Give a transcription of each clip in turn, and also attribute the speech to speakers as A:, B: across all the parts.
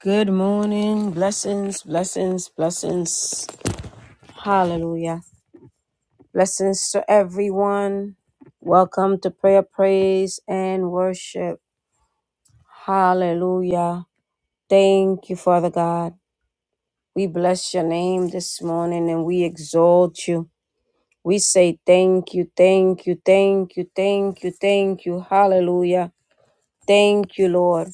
A: Good morning. Blessings, blessings, blessings. Hallelujah. Blessings to everyone. Welcome to prayer, praise, and worship. Hallelujah. Thank you, Father God. We bless your name this morning and we exalt you. We say thank you, thank you, thank you, thank you, thank you. Hallelujah. Thank you, Lord.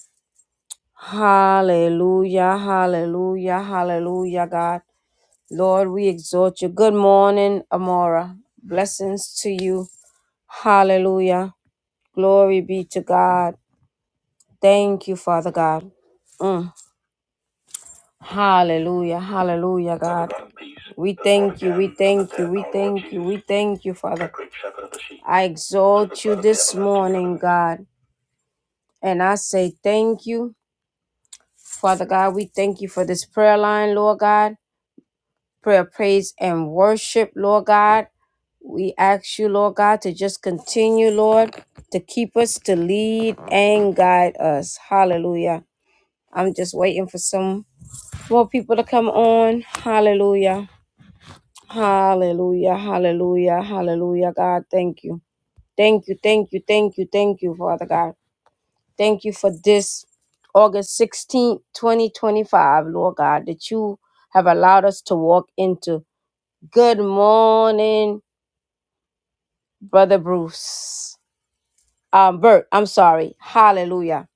A: Hallelujah, hallelujah, hallelujah, God. Lord, we exhort you. Good morning, Amora. Blessings to you. Hallelujah. Glory be to God. Thank you, Father God. Mm. Hallelujah. Hallelujah, God. We thank you. We thank you. We thank you. We thank you, Father. I exalt you this morning, God. And I say thank you, Father God. We thank you for this prayer line, Lord God. prayer, praise, and worship, Lord God. We ask you, Lord God, to just continue, Lord, to keep us, to lead and guide us. Hallelujah. I'm just waiting for some more people to come on. Hallelujah. Hallelujah. Hallelujah. Hallelujah. God, thank you. Thank you, thank you, thank you, thank you, Father God. Thank you for this August 16th, 2025, Lord God, that you have allowed us to walk into. Good morning, Brother Bruce. Um, Bert, I'm sorry. Hallelujah.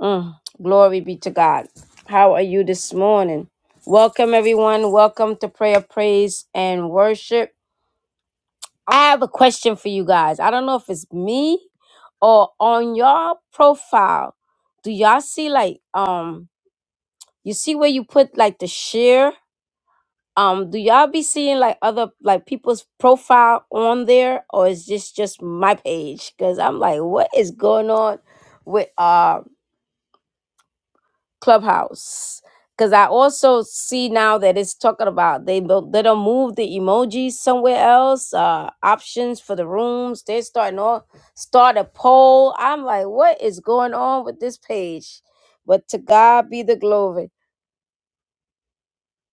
A: Mm, glory be to God. How are you this morning? Welcome, everyone. Welcome to Prayer, Praise, and Worship. I have a question for you guys. I don't know if it's me or on your profile. Do y'all see like um you see where you put like the share? um do y'all be seeing like other like people's profile on there or is this just my page because i'm like what is going on with uh clubhouse because i also see now that it's talking about they don't they don't move the emojis somewhere else uh options for the rooms they're starting on start a poll i'm like what is going on with this page but to god be the glory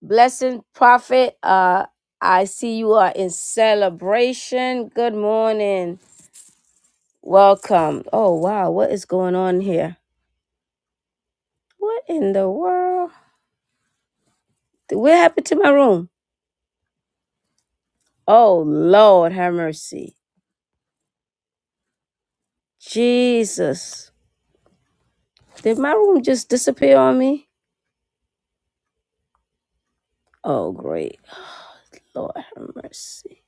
A: Blessing Prophet, uh, I see you are in celebration. Good morning. Welcome. Oh, wow. What is going on here? What in the world? What happened to my room? Oh, Lord, have mercy. Jesus. Did my room just disappear on me? Oh, great. Lord, have mercy.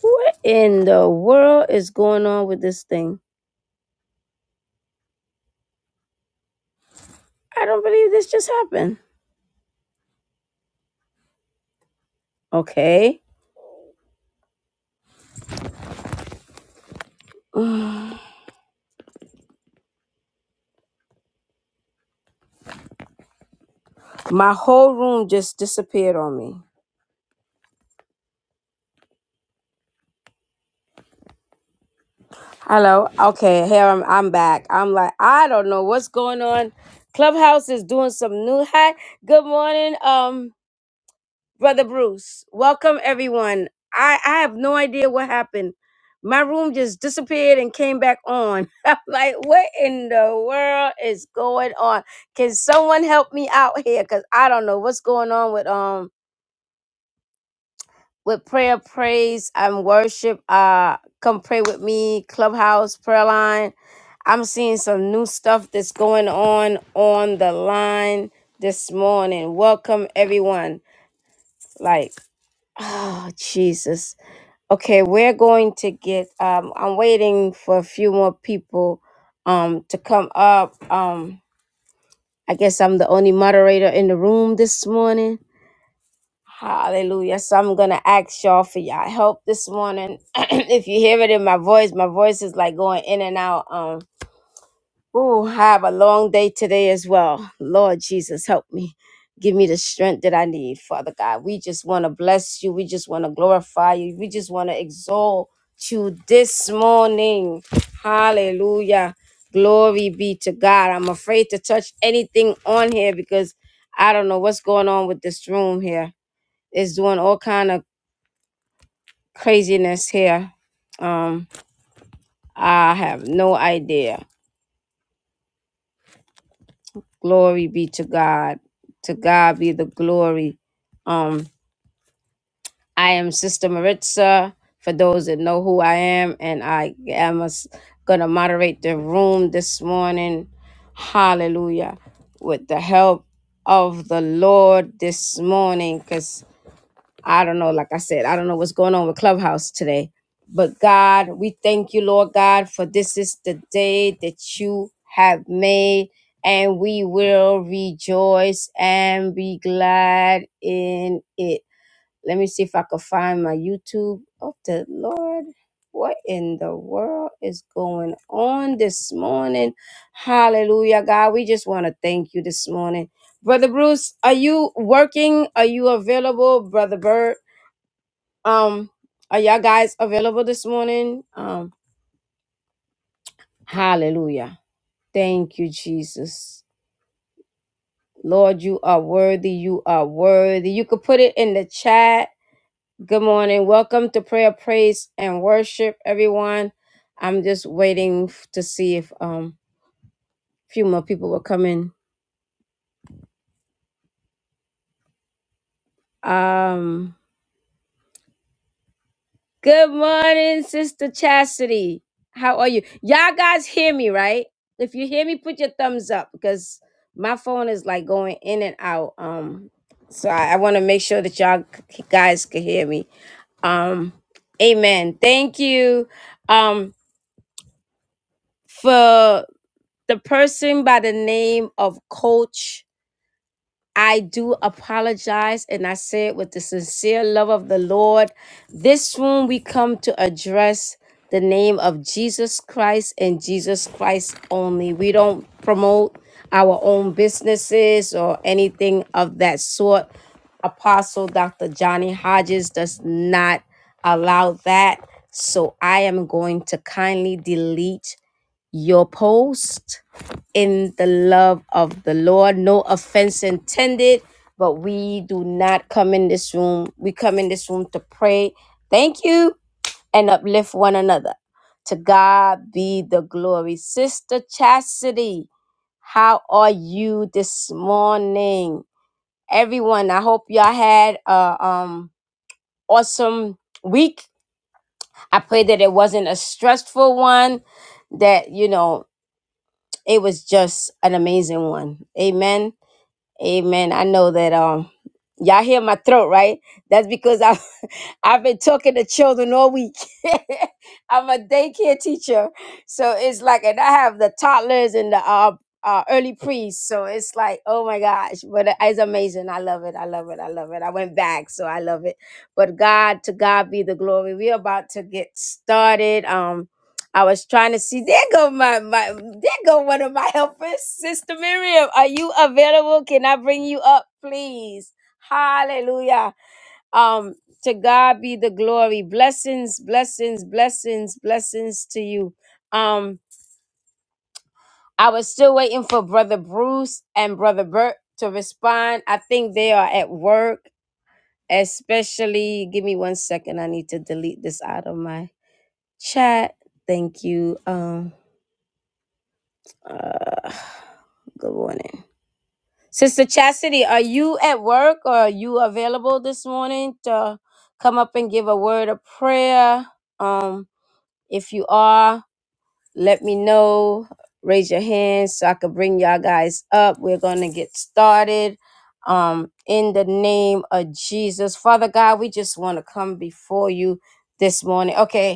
A: What in the world is going on with this thing? I don't believe this just happened. Okay. My whole room just disappeared on me. Hello. Okay, here I'm I'm back. I'm like, I don't know what's going on. Clubhouse is doing some new hack. Good morning, um, brother Bruce. Welcome everyone. I I have no idea what happened. My room just disappeared and came back on. I'm like, what in the world is going on? Can someone help me out here? Cause I don't know what's going on with um with prayer, praise, and worship. Uh, come pray with me, Clubhouse, prayer line. I'm seeing some new stuff that's going on on the line this morning. Welcome, everyone. Like, oh, Jesus. Okay, we're going to get, um, I'm waiting for a few more people um, to come up. Um, I guess I'm the only moderator in the room this morning. Hallelujah. So I'm going to ask y'all for y'all help this morning. if you hear it in my voice, my voice is like going in and out. Um, ooh, I have a long day today as well. Lord Jesus, help me. Give me the strength that I need, Father God. We just want to bless you. We just want to glorify you. We just want to exalt you this morning. Hallelujah. Glory be to God. I'm afraid to touch anything on here because I don't know what's going on with this room here is doing all kind of craziness here. Um, I have no idea. Glory be to God. To God be the glory. Um, I am Sister Maritza. For those that know who I am, and I am a s- gonna moderate the room this morning. Hallelujah! With the help of the Lord this morning, cause. I don't know, like I said, I don't know what's going on with Clubhouse today. But God, we thank you, Lord God, for this is the day that you have made, and we will rejoice and be glad in it. Let me see if I can find my YouTube. Oh, the Lord, what in the world is going on this morning? Hallelujah, God. We just want to thank you this morning. Brother Bruce, are you working? Are you available, Brother Bird? Um, are y'all guys available this morning? Um, hallelujah. Thank you, Jesus. Lord, you are worthy. You are worthy. You could put it in the chat. Good morning. Welcome to prayer, praise, and worship, everyone. I'm just waiting f- to see if um a few more people will come in. Um Good morning, Sister Chastity. How are you? Y'all guys hear me, right? If you hear me, put your thumbs up because my phone is like going in and out. Um, so I, I want to make sure that y'all c- guys can hear me. Um, amen. Thank you. Um, for the person by the name of Coach. I do apologize, and I say it with the sincere love of the Lord. This room we come to address the name of Jesus Christ and Jesus Christ only. We don't promote our own businesses or anything of that sort. Apostle Dr. Johnny Hodges does not allow that. So I am going to kindly delete your post in the love of the Lord. No offense intended, but we do not come in this room. We come in this room to pray. Thank you and uplift one another. To God be the glory. Sister Chastity, how are you this morning? Everyone, I hope y'all had a um awesome week. I pray that it wasn't a stressful one, that you know, it was just an amazing one. Amen Amen. I know that um y'all hear my throat, right? That's because I I've been talking to children all week. I'm a daycare teacher, so it's like, and I have the toddlers and the uh, uh, early prees, so it's like, oh my gosh, but uh, it's amazing. I love it. I love it. I love it. I went back, so I love it. But God, to God be the glory. We're about to get started. Um, I was trying to see. There go my my. There go one of my helpers, Sister Miriam. Are you available? Can I bring you up, please? Hallelujah. Um, to God be the glory. Blessings, blessings, blessings, blessings to you. Um, I was still waiting for Brother Bruce and Brother Bert to respond. I think they are at work, especially. Give me one second. I need to delete this out of my chat. Thank you. Um, uh, good morning. Sister Chastity, are you at work or are you available this morning to come up and give a word of prayer? Um, If you are, let me know. Raise your hand so I could bring y'all guys up. We're gonna get started. Um, in the name of Jesus, Father God, we just want to come before you this morning. Okay,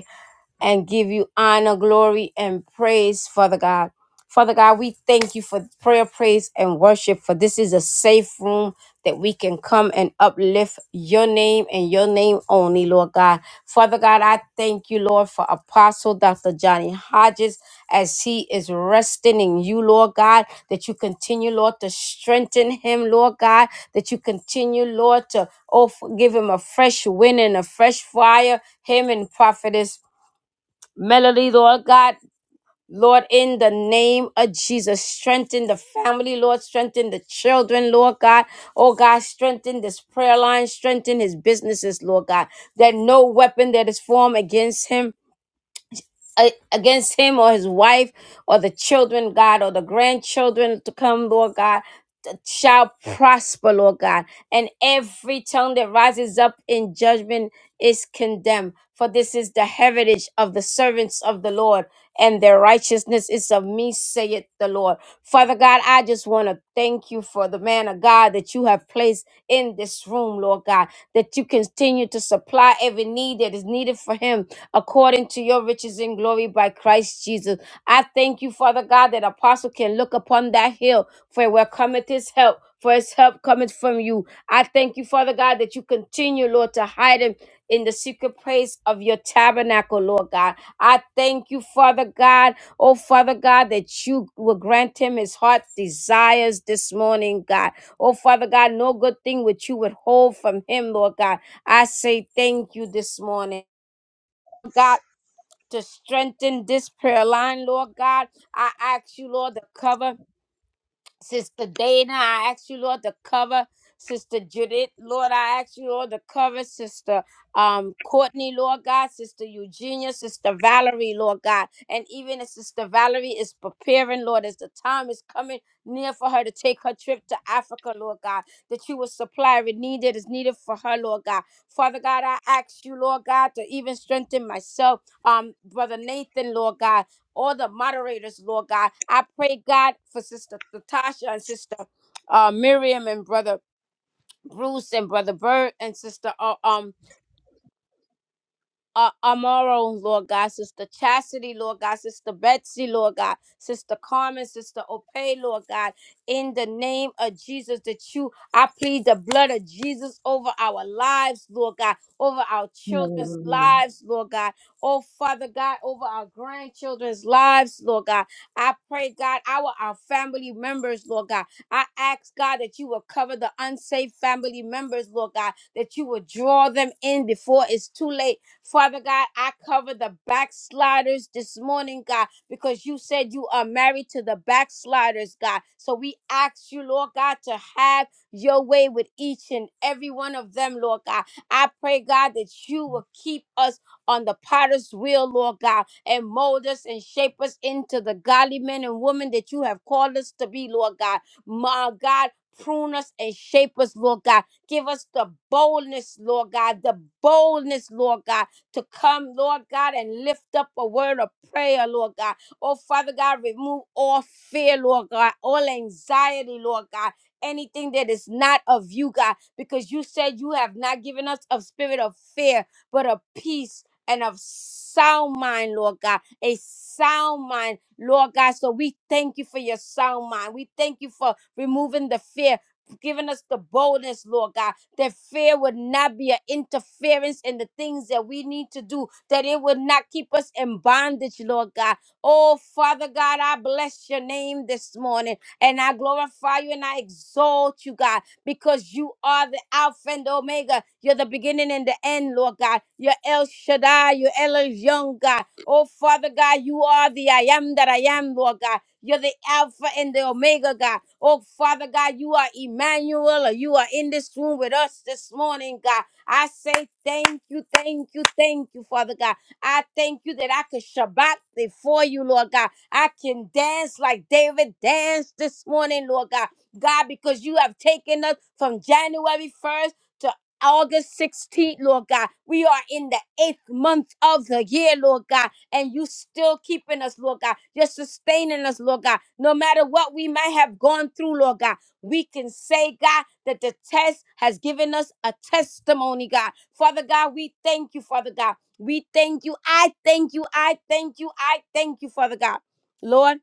A: and give you honor, glory, and praise, Father God. Father God, we thank you for prayer, praise, and worship, for this is a safe room that we can come and uplift your name and your name only, Lord God. Father God, I thank you, Lord, for Apostle Dr. Johnny Hodges as he is resting in you, Lord God, that you continue, Lord, to strengthen him, Lord God, that you continue, Lord, to oh, give him a fresh wind and a fresh fire, him and prophetess Melody, Lord God, Lord, in the name of Jesus, strengthen the family, Lord, strengthen the children, Lord God. Oh God, strengthen this prayer line, strengthen his businesses, Lord God, that no weapon that is formed against him. a- Against him or his wife or the children, God, or the grandchildren to come, Lord God, that shall prosper, Lord God. And every tongue that rises up in judgment is condemned. For this is the heritage of the servants of the Lord and their righteousness is of me, saith the Lord. Father God, I just want to thank you for the man of God that you have placed in this room, Lord God, that you continue to supply every need that is needed for him according to your riches and glory by Christ Jesus. I thank you, Father God, that apostle can look upon that hill for where cometh his help. For his help cometh from you. I thank you, Father God, that you continue, Lord, to hide him in the secret place of your tabernacle, Lord God. I thank you, Father God. Oh, Father God, that you will grant him his heart's desires this morning, God. Oh, Father God, no good thing which you withhold from him, Lord God. I say thank you this morning, God. To strengthen this prayer line, Lord God, I ask you, Lord, to cover. Sister Dana, I ask you, Lord, to cover Sister Judith. Lord, I ask you, Lord, to cover Sister um, Courtney, Lord God, Sister Eugenia, Sister Valerie, Lord God. And even as Sister Valerie is preparing, Lord, as the time is coming near for her to take her trip to Africa, Lord God, that you will supply every need that is needed for her, Lord God. Father God, I ask you, Lord God, to even strengthen myself, um, Brother Nathan, Lord God all the moderators, Lord God. I pray, God, for Sister Natasha and Sister uh, Miriam and Brother Bruce and Brother Bird and Sister uh, um uh, Amaro, Lord God, Sister Chastity, Lord God, Sister Betsy, Lord God, Sister Carmen, Sister Opay, Lord God, in the name of Jesus, that you, I plead the blood of Jesus over our lives, Lord God, over our children's
B: Hallelujah.
A: lives, Lord God, oh Father God, over our grandchildren's lives, Lord God. I pray, God, our, our family members, Lord God. I ask, God, that you will cover the unsafe family members, Lord God, that you will draw them in before it's too late Father God, I cover the backsliders this morning, God, because you said you are married to the backsliders, God. So we ask you, Lord God, to have your way with each and every one of them, Lord God. I pray, God, that you will keep us on the potter's wheel, Lord God, and mold us and shape us into the godly men and women that you have called us to be, Lord God. My God, prune us and shape us, Lord God. Give us the boldness, Lord God, the boldness, Lord God, to come, Lord God, and lift up a word of prayer, Lord God. Oh, Father God, remove all fear, Lord God, all anxiety, Lord God. Anything that is not of you, God, because you said you have not given us a spirit of fear, but of peace and of sound mind, Lord God. A sound mind, Lord God. So we thank you for your sound mind. We thank you for removing the fear, giving us the boldness, Lord God that fear would not be an interference in the things that we need to do, that it would not keep us in bondage, Lord God. Oh, Father God, I bless your name this morning and I glorify you and I exalt you, God, because you are the Alpha and Omega. You're the beginning and the end, Lord God. You're El Shaddai, you're El Young, God. Oh, Father God, you are the I am that I am, Lord God. You're the Alpha and the Omega, God. Oh, Father God, you are Emmanuel, or you are in this room with us this morning, God. I say thank you, thank you, thank you, Father God. I thank you that I can Shabbat before you, Lord God. I can dance like David danced this morning, Lord God. God, because you have taken us from January 1st to August 16th, Lord God. We are in the eighth month of the year, Lord God and you still keeping us, Lord God. You're sustaining us, Lord God. No matter what we might have gone through, Lord God, we can say, God, that the test has given us a testimony, God. Father God, we thank you, Father God. We thank you. I thank you. I thank you. I thank you, Father God. Lord.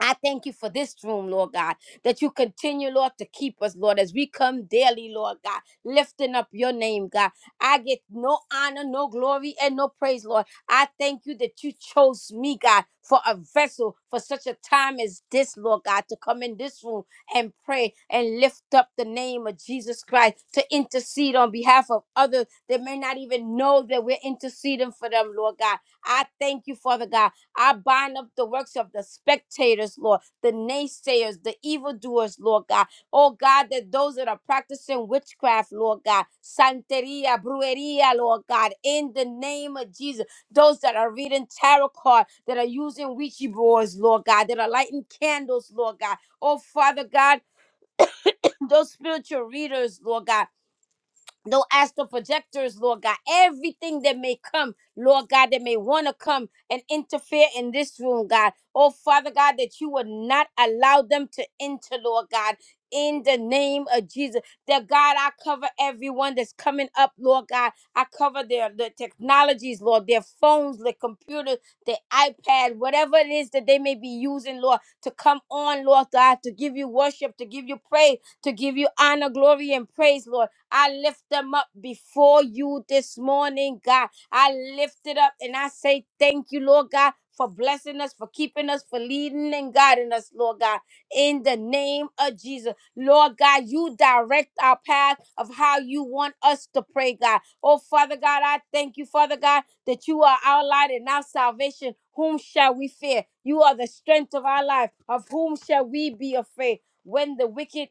A: I thank you for this room, Lord God, that you continue, Lord, to keep us, Lord, as we come daily, Lord God, lifting up your name, God. I get no honor, no glory, and no praise, Lord. I thank you that you chose me, God, for a vessel for such a time as this, Lord God, to come in this room and pray and lift up the name of Jesus Christ, to intercede on behalf of others that may not even know that we're interceding for them, Lord God. I thank you, Father God I bind up the works of the spectators, Lord, the naysayers, the evildoers, Lord God. Oh God, that those that are practicing witchcraft, Lord God, Santeria, Brujeria, Lord God, in the name of Jesus. Those that are reading tarot cards, that are using Ouija boards, Lord God, that are lighting candles, Lord God. Oh Father God, those spiritual readers, Lord God. Though as the projectors, Lord God, everything that may come, Lord God, that may want to come and interfere in this room, God. Oh, Father God, that you would not allow them to enter, Lord God. In the name of Jesus, that God, I cover everyone that's coming up, Lord God. I cover their the technologies, Lord, their phones, their computers, their iPad, whatever it is that they may be using, Lord, to come on, Lord God, to give you worship, to give you praise, to give you honor, glory, and praise, Lord. I lift them up before you this morning, God. I lift it up and I say thank you, Lord God, for blessing us, for keeping us, for leading and guiding us, Lord God, in the name of Jesus. Lord God, you direct our path of how you want us to pray, God. Oh, Father God, I thank you, Father God, that you are our light and our salvation. Whom shall we fear? You are the strength of our life. Of whom shall we be afraid? When the wicked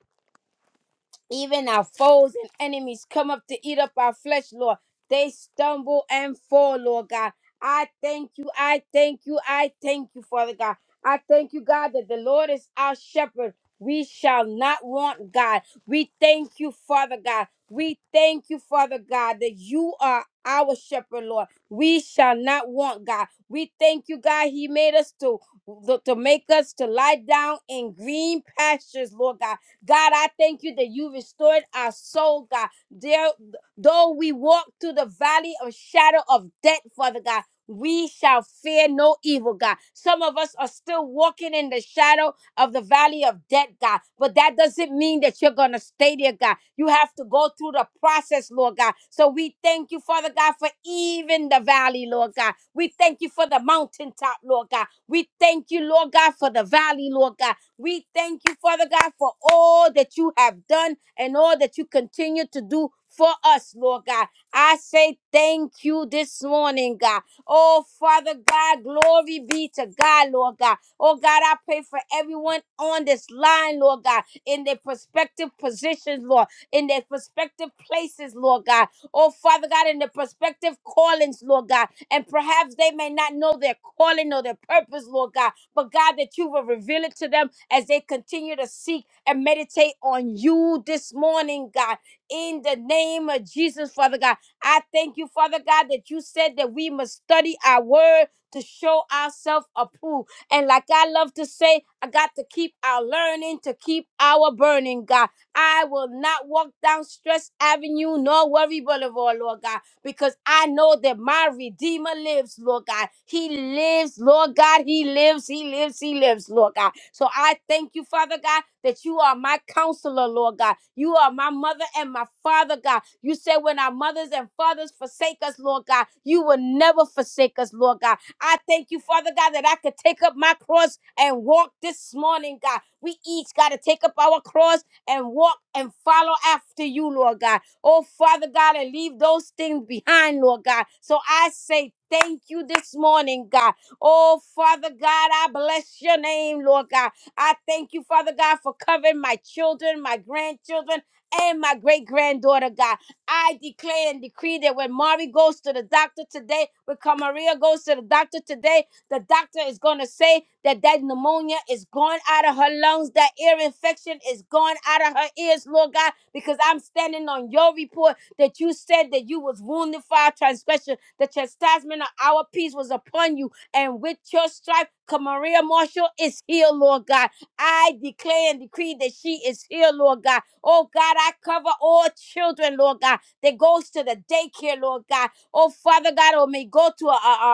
A: even our foes and enemies come up to eat up our flesh, Lord. They stumble and fall, Lord God. I thank you. I thank you. I thank you, Father God. I thank you, God, that the Lord is our shepherd. We shall not want, God. We thank you, Father God. We thank you, Father God, that you are our shepherd, Lord. We shall not want, God. We thank you, God. He made us to, to to make us to lie down in green pastures, Lord God. God, I thank you that you restored our soul, God. There, though we walk through the valley of shadow of death, Father God, we shall fear no evil, God. Some of us are still walking in the shadow of the valley of death, God, but that doesn't mean that you're going to stay there, God. You have to go through the process, Lord God. So we thank you, Father God, for even the valley, Lord God. We thank you for the mountaintop, Lord God. We thank you, Lord God, for the valley, Lord God. We thank you, Father God, for all that you have done and all that you continue to do for us, Lord God. I say thank you this morning, God. Oh, Father God, glory be to God, Lord God. Oh, God, I pray for everyone on this line, Lord God, in their prospective positions, Lord, in their prospective places, Lord God. Oh, Father God, in their prospective callings, Lord God. And perhaps they may not know their calling or their purpose, Lord God, but God, that you will reveal it to them as they continue to seek and meditate on you this morning, God. In the name of Jesus, Father God, I thank you, Father God, that you said that we must study our word to show ourselves approved. And like I love to say, I got to keep our learning, to keep our burning, God. I will not walk down Stress Avenue, nor worry Boulevard, Lord God because I know that my Redeemer lives, Lord God. He lives, Lord God. He lives, He lives, He lives, Lord God. So I thank you, Father God, that you are my counselor, Lord God. You are my mother and my father, God. You said when our mothers and fathers forsake us, Lord God, you will never forsake us, Lord God. I thank you, Father God, that I could take up my cross and walk this morning, God. We each got to take up our cross and walk and follow after you, Lord God. Oh, Father God, and leave those things behind, Lord God. So I say thank you this morning, God. Oh, Father God, I bless your name, Lord God. I thank you, Father God, for covering my children, my grandchildren, and my great granddaughter, God. I declare and decree that when Mari goes to the doctor today, when Camaria goes to the doctor today, the doctor is going to say that that pneumonia is gone out of her lungs, that ear infection is gone out of her ears, Lord God, because I'm standing on your report that you said that you was wounded for our transgression. The chastisement of our peace was upon you, and with your stripe, Maria Marshall is healed, Lord God. I declare and decree that she is healed, Lord God. Oh God, I cover all children, Lord God, that goes to the daycare, Lord God. Oh Father God, or may go to a, a, a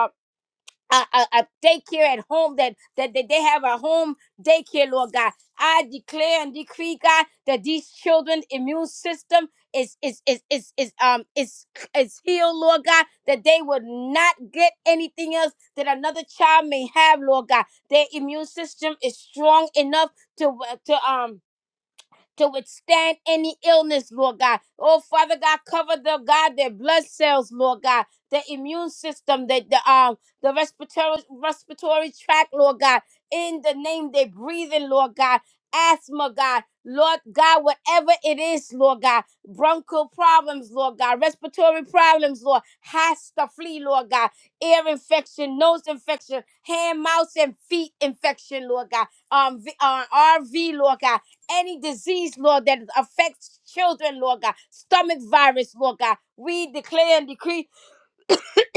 A: a, a, a daycare at home that, that that they have a home daycare, Lord God. I declare and decree, God, that these children' immune system is is is is is um is is healed, Lord God. That they would not get anything else that another child may have, Lord God. Their immune system is strong enough to uh, to um to withstand any illness, Lord God. Oh, Father God, cover the God, their blood cells, Lord God, the immune system, the, the um the respiratory respiratory tract, Lord God. In the name they breathe in, Lord God. Asthma, God, Lord God, whatever it is, Lord God, bronchial problems, Lord God, respiratory problems, Lord, has to flee, Lord God, ear infection, nose infection, hand, mouth, and feet infection, Lord God, um, v- uh, RV, Lord God, any disease, Lord, that affects children, Lord God, stomach virus, Lord God. We declare and decree,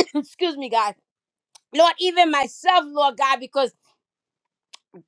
A: excuse me, God. Lord, even myself, Lord God, because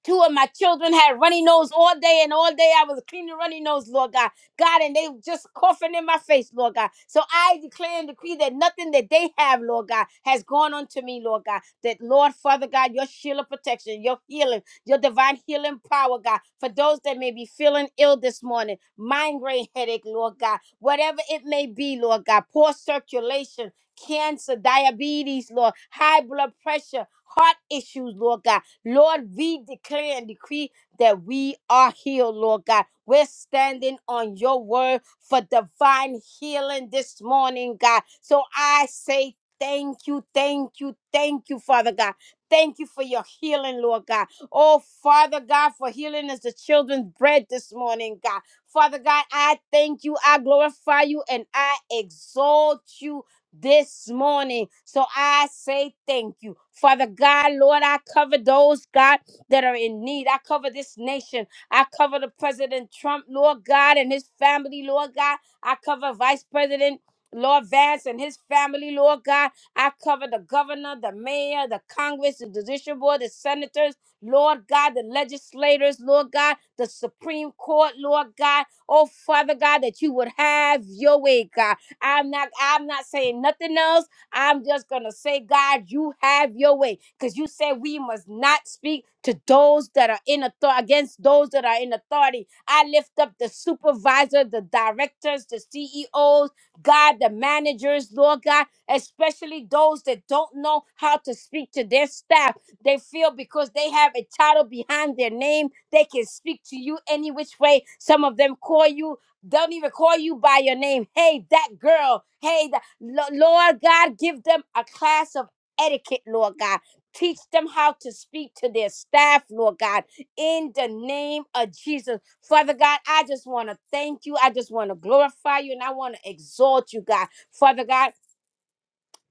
A: Two of my children had runny nose all day, and all day I was cleaning runny nose, Lord God. God, and they just coughing in my face, Lord God. So I declare and decree that nothing that they have, Lord God, has gone unto me, Lord God. That, Lord, Father God, your shield of protection, your healing, your divine healing power, God, for those that may be feeling ill this morning, migraine headache, Lord God, whatever it may be, Lord God, poor circulation, cancer, diabetes, Lord, high blood pressure. Heart issues, Lord God Lord, we declare and decree that we are healed, Lord God. We're standing on your word for divine healing this morning, God. So I say thank you, thank you, thank you, Father God. Thank you for your healing, Lord God. Oh, Father God, for healing is the children's bread this morning, God. Father God, I thank you, I glorify you, and I exalt you this morning. So I say thank you. Father God, Lord, I cover those, God, that are in need. I cover this nation. I cover the President Trump, Lord God, and his family, Lord God. I cover Vice President. Lord Vance and his family, Lord God, I cover the governor, the mayor, the Congress, the judicial board, the senators, Lord God, the legislators, Lord God, the Supreme Court, Lord God. Oh, Father God, that you would have your way, God. I'm not I'm not saying nothing else. I'm just gonna say, God, you have your way. Because you said we must not speak to those that are in authority against those that are in authority. I lift up the supervisor, the directors, the CEOs, God, the managers, Lord God, especially those that don't know how to speak to their staff. They feel because they have a title behind their name, they can speak to you any which way. Some of them call you, don't even call you by your name. Hey, that girl. Hey, that. Lo- Lord God, give them a class of etiquette, Lord God. Teach them how to speak to their staff, Lord God, in the name of Jesus. Father God, I just want to thank you. I just want to glorify you and I want to exalt you, God. Father God,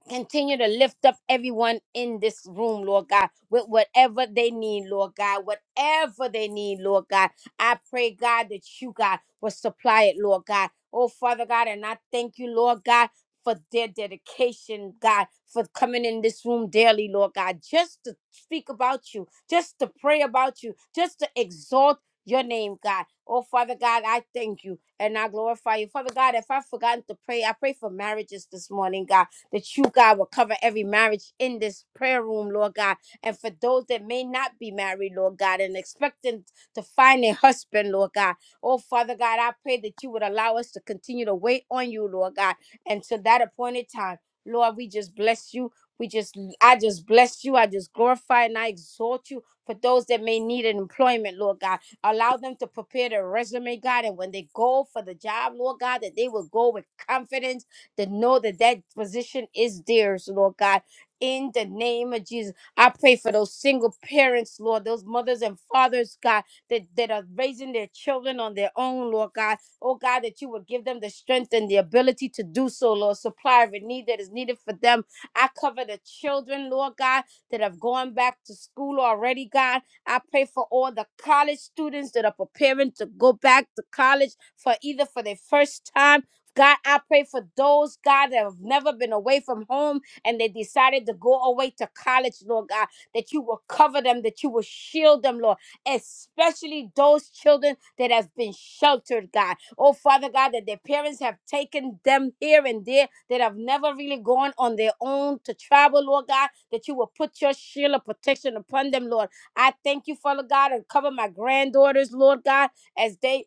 A: Continue to lift up everyone in this room, Lord God, with whatever they need, Lord God, whatever they need, Lord God. I pray, God, that you, God, will supply it, Lord God. Oh, Father God, and I thank you, Lord God, for their dedication, God, for coming in this room daily, Lord God, just to speak about you, just to pray about you, just to exalt your name, God. Oh, Father God, I thank you and I glorify you. Father God, if I've forgotten to pray, I pray for marriages this morning, God that you, God, will cover every marriage in this prayer room, Lord God. And for those that may not be married, Lord God, and expecting to find a husband, Lord God. Oh, Father God, I pray that you would allow us to continue to wait on you, Lord God, until that appointed time. Lord, we just bless you. We just, I just bless you. I just glorify and I exalt you for those that may need an employment, Lord God. Allow them to prepare their resume, God. And when they go for the job, Lord God, that they will go with confidence to know that that position is theirs, Lord God. In the name of Jesus, I pray for those single parents, Lord, those mothers and fathers, God, that, that are raising their children on their own, Lord God. Oh, God, that you would give them the strength and the ability to do so, Lord. Supply every need that is needed for them. I cover the children, Lord God, that have gone back to school already, God. I pray for all the college students that are preparing to go back to college for either for their first time God, I pray for those, God, that have never been away from home and they decided to go away to college, Lord God, that you will cover them, that you will shield them, Lord, especially those children that have been sheltered, God. Oh, Father God, that their parents have taken them here and there, that have never really gone on their own to travel, Lord God, that you will put your shield of protection upon them, Lord. I thank you, Father God, and cover my granddaughters, Lord God, as they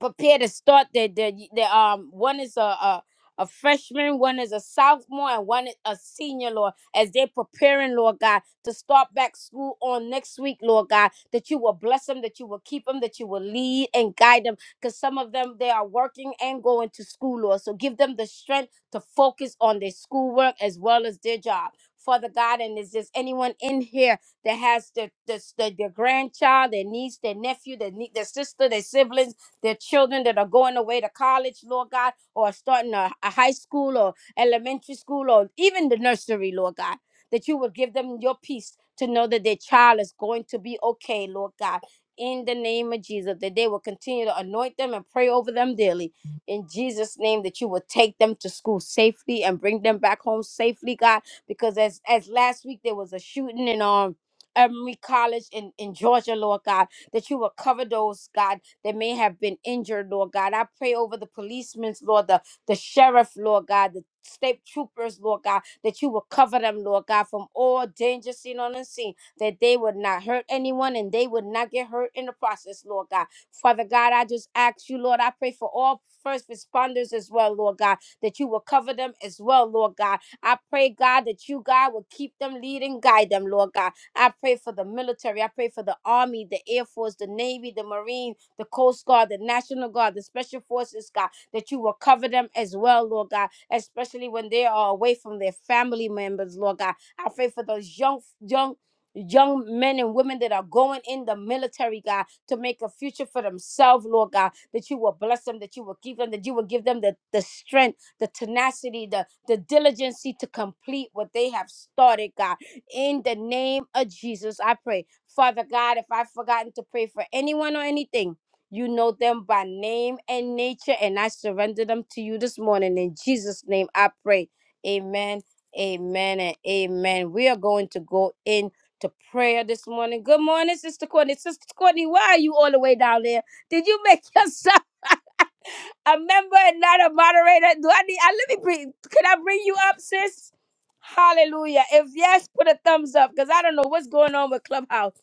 A: prepare to start their their, their um one is a, a a freshman, one is a sophomore, and one is a senior, Lord, as they're preparing, Lord God, to start back school on next week, Lord God, that you will bless them, that you will keep them, that you will lead and guide them, because some of them, they are working and going to school, Lord. So give them the strength to focus on their schoolwork as well as their job. Father God, and is there anyone in here that has their, their, their, their grandchild, their niece, their nephew, their, nie- their sister, their siblings? their children that are going away to college, Lord God, or starting a, a high school or elementary school or even the nursery, Lord God, that you would give them your peace to know that their child is going to be okay, Lord God. In the name of Jesus, that they will continue to anoint them and pray over them daily. In Jesus' name, that you will take them to school safely and bring them back home safely, God. Because as as last week there was a shooting in um Emory College in, in Georgia, Lord God, that you will cover those, God that may have been injured, Lord God. I pray over the policemen, Lord, the, the sheriff, Lord God, the state troopers, Lord God, that you will cover them, Lord God, from all danger seen on unseen, that they would not hurt anyone and they would not get hurt in the process, Lord God. Father God, I just ask you, Lord, I pray for all first responders as well, Lord God, that you will cover them as well, Lord God. I pray, God, that you, God, will keep them, lead and guide them, Lord God. I pray for the military. I pray for the army, the air force, the navy, the marines the Coast Guard, the National Guard, the Special Forces, God, that you will cover them as well, Lord God, especially when they are away from their family members, Lord God. I pray for those young, young, young men and women that are going in the military, God, to make a future for themselves, Lord God, that you will bless them, that you will give them, that you will give them the, the strength, the tenacity, the, the diligency to complete what they have started, God. In the name of Jesus, I pray. Father God, if I've forgotten to pray for anyone or anything, you know them by name and nature, and I surrender them to you this morning. In Jesus' name, I pray. Amen, amen, and amen. We are going to go in to prayer this morning. Good morning, Sister Courtney. Sister Courtney, why are you all the way down there? Did you make yourself a member and not a moderator? Do I need, I, let me bring, can I bring you up, sis? Hallelujah. If yes, put a thumbs up because I don't know what's going on with Clubhouse.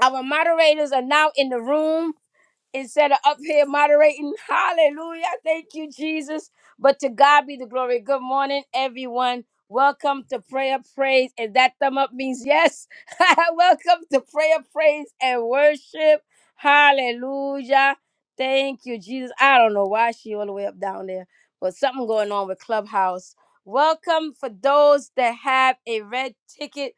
A: Our moderators are now in the room instead of up here moderating. Hallelujah. Thank you, Jesus. But to God be the glory. Good morning, everyone. Welcome to prayer, praise, and that thumb up means yes. Welcome to prayer, praise, and worship. Hallelujah. Thank you, Jesus. I don't know why she all the way up down there, but something going on with Clubhouse. Welcome for those that have a red ticket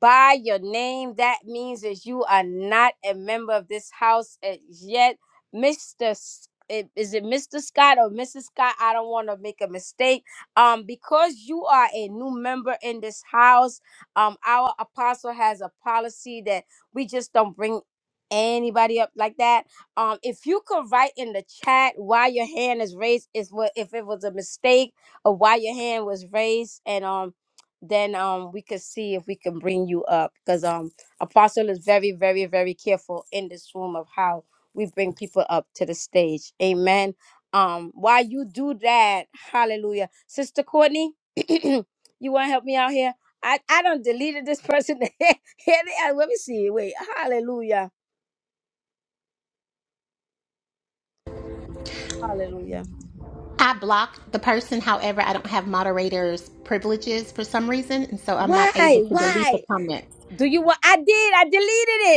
A: by your name. That means that you are not a member of this house as yet. Mr. S- i- Is it Mr. Scott or Mrs. Scott? I don't want to make a mistake. Um, because you are a new member in this house, um, our apostle has a policy that we just don't bring anybody up like that. Um, if you could write in the chat why your hand is raised, is what if it was a mistake or why your hand was raised, and um, then um we could see if we can bring you up because um apostle is very very very careful in this room of how we bring people up to the stage amen um while you do that hallelujah sister courtney you want to help me out here i i don't deleted this person here they are. let me see wait hallelujah hallelujah
C: I block the person. However, I don't have moderators privileges for some reason, and so I'm not able
A: why
C: to delete the
A: why
C: comments.
A: do you want i did i deleted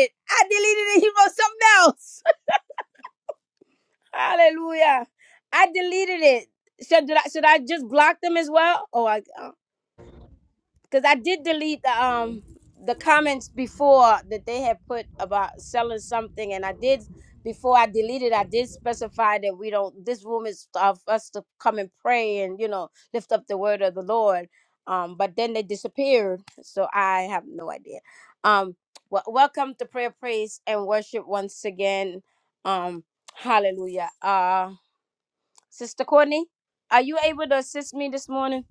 A: it i deleted it he wrote something else Hallelujah. I deleted it. Should did I should I just block them as well? Oh, I because I did delete the um the comments before that they had put about selling something, and I did before I deleted. I did specify that we don't. This room is of us to come and pray and you know lift up the word of the Lord. Um, but then they disappeared, so I have no idea. Um, well, welcome to prayer, praise, and worship once again. Um, hallelujah. Uh, Sister Courtney, are you able to assist me this morning?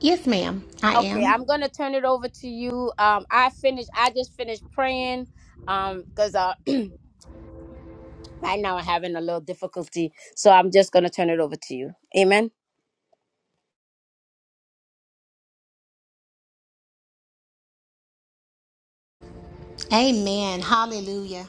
C: Yes, ma'am. I
A: Okay,
C: am.
A: I'm gonna turn it over to you. Um, I finished. I just finished praying. Um, cause uh, right now I'm having a little difficulty, so I'm just gonna turn it over to you. Amen.
C: Amen. Hallelujah.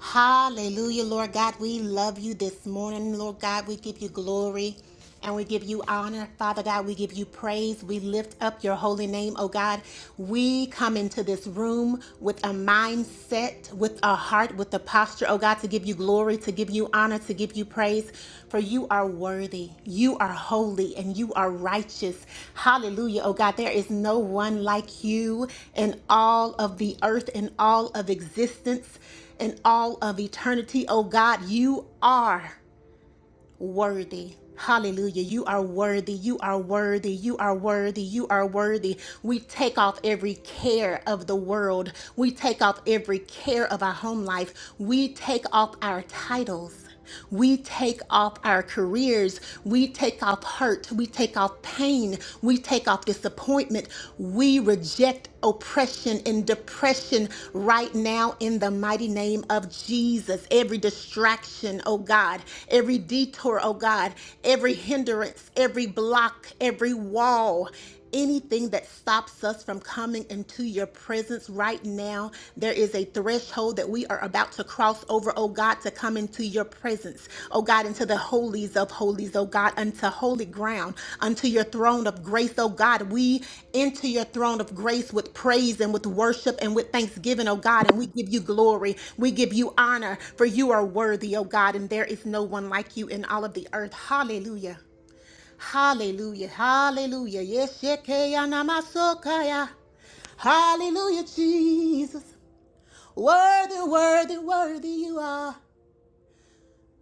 C: Hallelujah, Lord God. We love you this morning, Lord God. We give you glory and we give you honor, Father God. We give you praise. We lift up your holy name, oh God. We come into this room with a mindset, with a heart, with a posture. posture, oh God, to give you glory, to give you honor, to give you praise, for you are worthy, you are holy, and you are righteous. Hallelujah, oh God. There is no one like you in all of the earth, in all of existence, in all of eternity, oh God. You are worthy. Hallelujah. You are worthy. You are worthy. You are worthy. You are worthy. We take off every care of the world. We take off every care of our home life. We take off our titles. We take off our careers. We take off hurt. We take off pain. We take off disappointment. We reject oppression and depression right now in the mighty name of Jesus. Every distraction, oh God, every detour, oh God, every hindrance, every block, every wall, anything that stops us from coming into your presence right now. There is a threshold that we are about to cross over, oh God, to come into your presence, oh God, into the holies of holies, oh God, unto holy ground, unto your throne of grace, oh God. We enter your throne of grace with praise and with worship and with thanksgiving, oh God, and we give you glory, we give you honor, for you are worthy, oh God, and there is no one like you in all of the earth. Hallelujah. Hallelujah. Hallelujah. Yes, shekaya namasokaya. Hallelujah, Jesus. Worthy, worthy, worthy you are.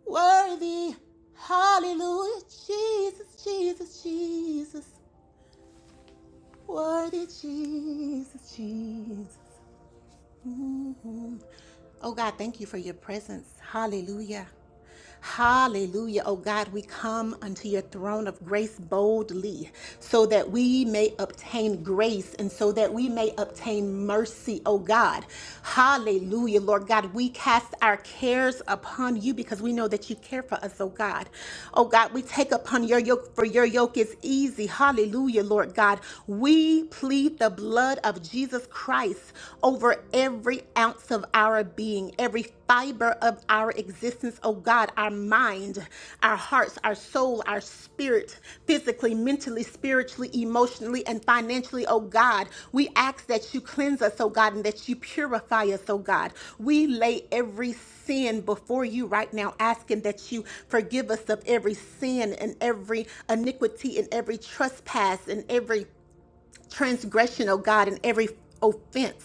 C: Worthy. Hallelujah. Jesus, Jesus, Jesus. Worthy, Jesus, Jesus. Mm-hmm. Oh God, thank you for your presence. Hallelujah. Hallelujah. Oh God, we come unto your throne of grace boldly so that we may obtain grace and so that we may obtain mercy, oh God. Hallelujah. Lord God, we cast our cares upon you because we know that you care for us, oh God. Oh God, we take upon your yoke for your yoke is easy. Hallelujah, Lord God. We plead the blood of of Jesus Christ over every ounce of our being, every fiber of our existence, oh God, our mind, our hearts, our soul, our spirit, physically, mentally, spiritually, emotionally, and financially, oh God. We ask that you cleanse us, oh God, and that you purify us, oh God. We lay every sin before you right now, asking that you forgive us of every sin and every iniquity and every trespass and every transgression, oh God, in every offense,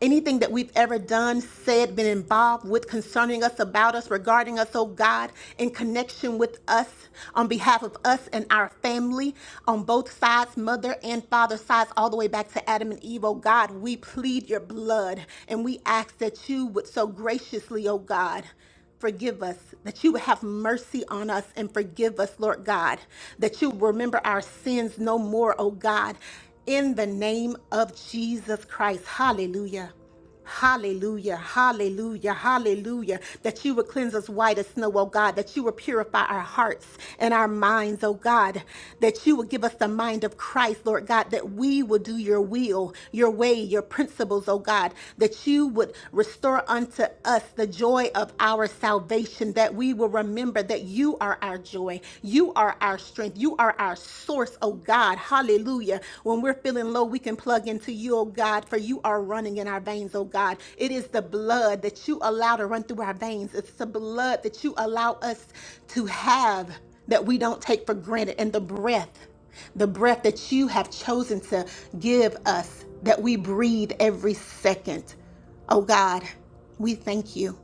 C: anything that we've ever done, said, been involved with, concerning us, about us, regarding us, oh God, in connection with us, on behalf of us and our family, on both sides, mother and father sides, all the way back to Adam and Eve, oh God, we plead your blood and we ask that you would so graciously, oh God, Forgive us, that you would have mercy on us and forgive us, Lord God, that you remember our sins no more, oh God, in the name of Jesus Christ. Hallelujah. Hallelujah, hallelujah, hallelujah. That you would cleanse us white as snow, oh God. That you would purify our hearts and our minds, oh God. That you would give us the mind of Christ, Lord God. That we would would do your will, your way, your principles, oh God, that you would restore unto us the joy of our salvation, that we will remember that you are our joy, you are our strength, you are our source, oh God. Hallelujah. When we're feeling low, we can plug into you, oh God, for you are running in our veins, oh God. It is the blood that you allow to run through our veins, it's the blood that you allow us to have that we don't take for granted and the breath, the breath that you have chosen to give us that we breathe every second. Oh God, we thank you.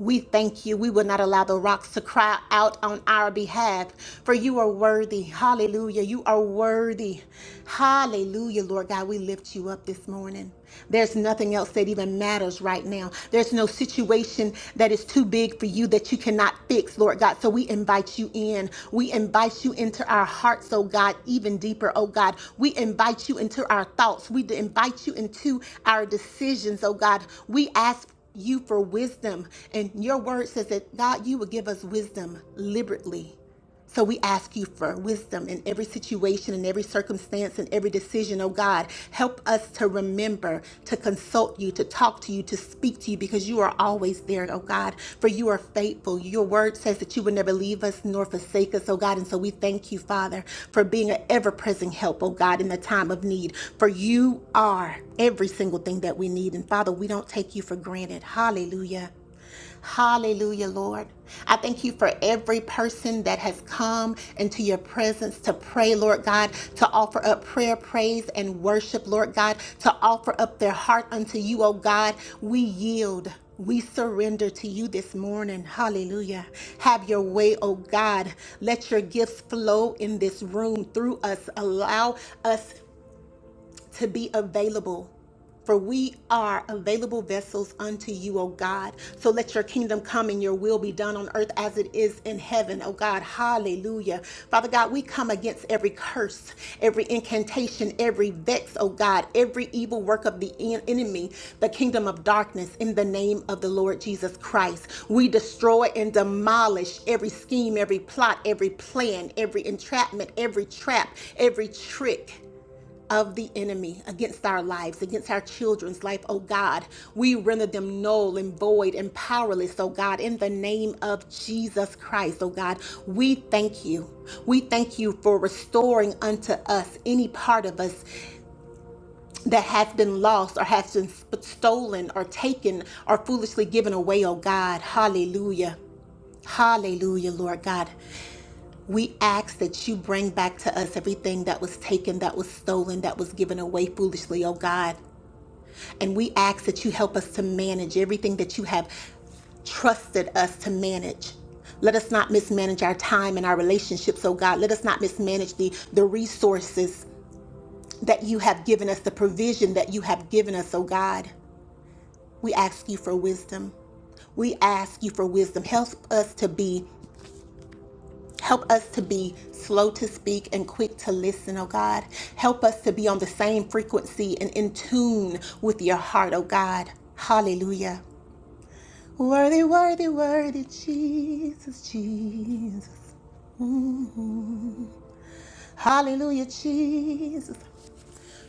C: We thank you. We will not allow the rocks to cry out on our behalf, for you are worthy. Hallelujah. You are worthy. Hallelujah, Lord God. We lift you up this morning. There's nothing else that even matters right now. There's no situation that is too big for you that you cannot fix, Lord God. So we invite you in. We invite you into our hearts, oh God, even deeper, oh God. We invite you into our thoughts. We invite you into our decisions, oh God. We ask you for wisdom. And your word says that, God, you will give us wisdom liberally. So we ask you for wisdom in every situation, in every circumstance, in every decision. Oh God, help us to remember to consult you, to talk to you, to speak to you, because you are always there, oh God, for you are faithful. Your word says that you would never leave us nor forsake us, oh God. And so we thank you, Father, for being an ever present help, oh God, in the time of need. For you are every single thing that we need. And Father, we don't take you for granted. Hallelujah. Hallelujah, Lord. I thank you for every person that has come into your presence to pray, Lord God, to offer up prayer, praise, and worship, Lord God, to offer up their heart unto you, O God. We yield. We surrender to you this morning. Hallelujah. Have your way, oh God. Let your gifts flow in this room through us. Allow us to be available. For we are available vessels unto you, O God. So let your kingdom come and your will be done on earth as it is in heaven, O God. Hallelujah. Father God, we come against every curse, every incantation, every vex, O God, every evil work of the en- enemy, the kingdom of darkness, in the name of the Lord Jesus Christ. We destroy and demolish every scheme, every plot, every plan, every entrapment, every trap, every trick of the enemy against our lives, against our children's life, oh God. We render them null and void and powerless, oh God, in the name of Jesus Christ, oh God. We thank you. We thank you for restoring unto us any part of us that has been lost or has been sp- stolen or taken or foolishly given away, oh God. Hallelujah. Hallelujah, Lord God. We ask that you bring back to us everything that was taken, that was stolen, that was given away foolishly, oh God. And we ask that you help us to manage everything that you have trusted us to manage. Let us not mismanage our time and our relationships, oh God. Let us not mismanage the, the resources that you have given us, the provision that you have given us, oh God. We ask you for wisdom. We ask you for wisdom. Help us to be Help us to be slow to speak and quick to listen, oh God. Help us to be on the same frequency and in tune with your heart, oh God. Hallelujah. Worthy, worthy, worthy, Jesus, Jesus. Hallelujah, Jesus.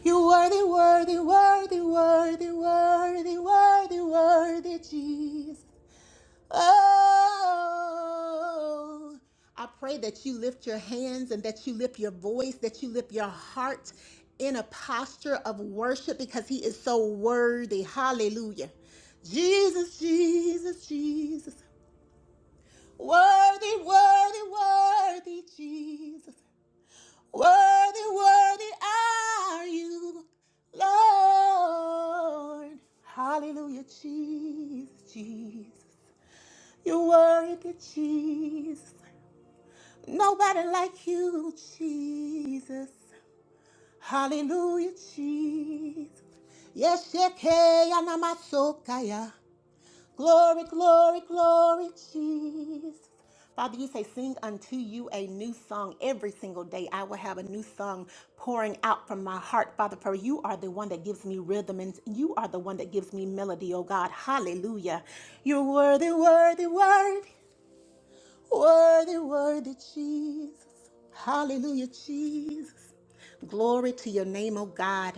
C: You worthy, worthy, worthy, worthy, worthy, worthy, worthy, Jesus. Oh, I pray that you lift your hands and that you lift your voice, that you lift your heart in a posture of worship because he is so worthy. Hallelujah. Jesus, Jesus, Jesus. Worthy, worthy, worthy, Jesus. Worthy, worthy are you, Lord. Hallelujah, Jesus, Jesus. You are worthy, Jesus. Nobody like you, Jesus. Hallelujah, Jesus. Yes, Shekeya Namasokaya. Glory, glory, glory, Jesus. Father, you say, Sing unto you a new song every single day. I will have a new song pouring out from my heart, Father, for you are the one that gives me rhythm and you are the one that gives me melody, oh God. Hallelujah. You're worthy, worthy, worthy. Worthy, worthy Jesus. Hallelujah, Jesus. Glory to your name, oh God.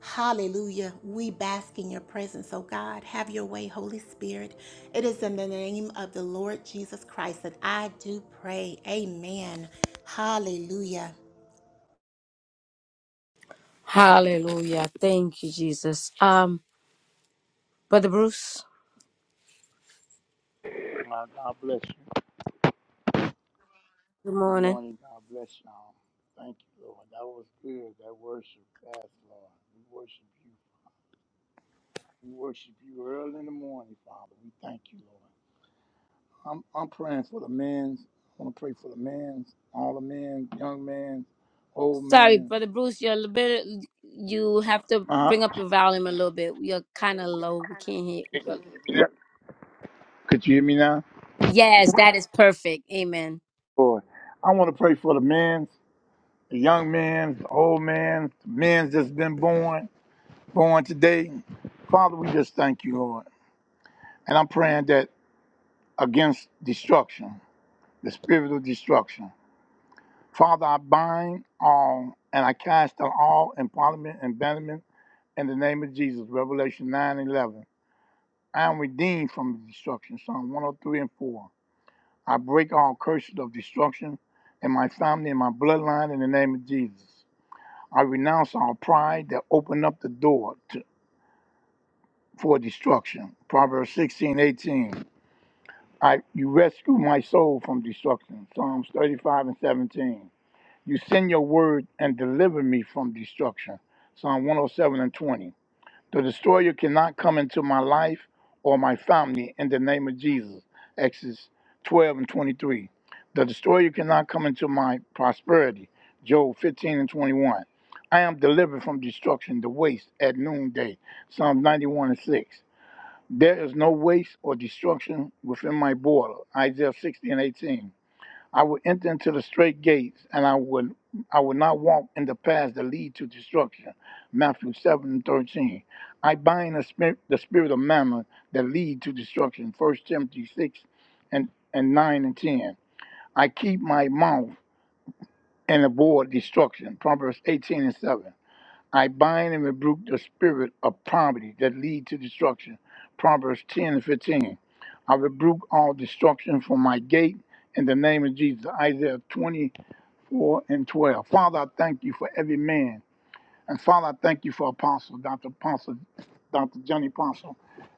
C: Hallelujah. We bask in your presence, oh God. Have your way, Holy Spirit. It is in the name of the Lord Jesus Christ that I do pray. Amen. Hallelujah.
A: Hallelujah. Thank you, Jesus. Um, Brother Bruce,
D: God, God bless you.
A: good
D: Good
A: morning.
D: morning. God bless y'all. Thank you, Lord. That was good. That worship class, Lord. We worship you. We worship you early in the morning, Father. We thank you, Lord. I'm I'm praying for the men's. I want to pray for the men's, all the men, young men, old
A: Sorry,
D: men.
A: brother Bruce, you're a little bit. You have to
D: Uh,
A: bring up your volume a little bit. You're kind of low. We can't hear. Well,
D: yeah. Could you hear me now?
A: yes, that is perfect. Amen.
D: Lord, I want to pray for the men's, the young men's, the old men's, the men's that's been born, born today. Father, we just thank you, Lord. And I'm praying that. against destruction, the spirit of destruction. Father, I bind all and I cast down all empowerment and banishment in the name of Jesus, Revelation 9 11. I am redeemed from destruction, Psalm 103 and 4. I break all curses of destruction in my family and my bloodline in the name of Jesus. I renounce all pride that opened up the door to, for destruction, Proverbs 16 18. I, you rescue my soul from destruction, Psalms 35 and 17. You send your word and deliver me from destruction. Psalm 107 and 20. The destroyer cannot come into my life or my family in the name of Jesus. Exodus 12 and 23. The destroyer cannot come into my prosperity. Job 15 and 21. I am delivered from destruction, the waste at noonday. Psalm 91 and 6. There is no waste or destruction within my border. Isaiah 60 and 18. I will enter into the straight gates, and I will I will not walk in the paths that lead to destruction. Matthew seven thirteen. I bind the spirit the spirit of mammon that lead to destruction. First Timothy six and, and nine and ten. I keep my mouth and avoid destruction. Proverbs eighteen and seven. I bind and rebuke the spirit of poverty that lead to destruction. Proverbs ten and fifteen. I rebuke all destruction from my gate in the name of Jesus. Isaiah 20 4 and 12. Father, I thank you for every man. And Father, I thank you for Apostle, Dr. Apostle, Dr. Johnny Apostle,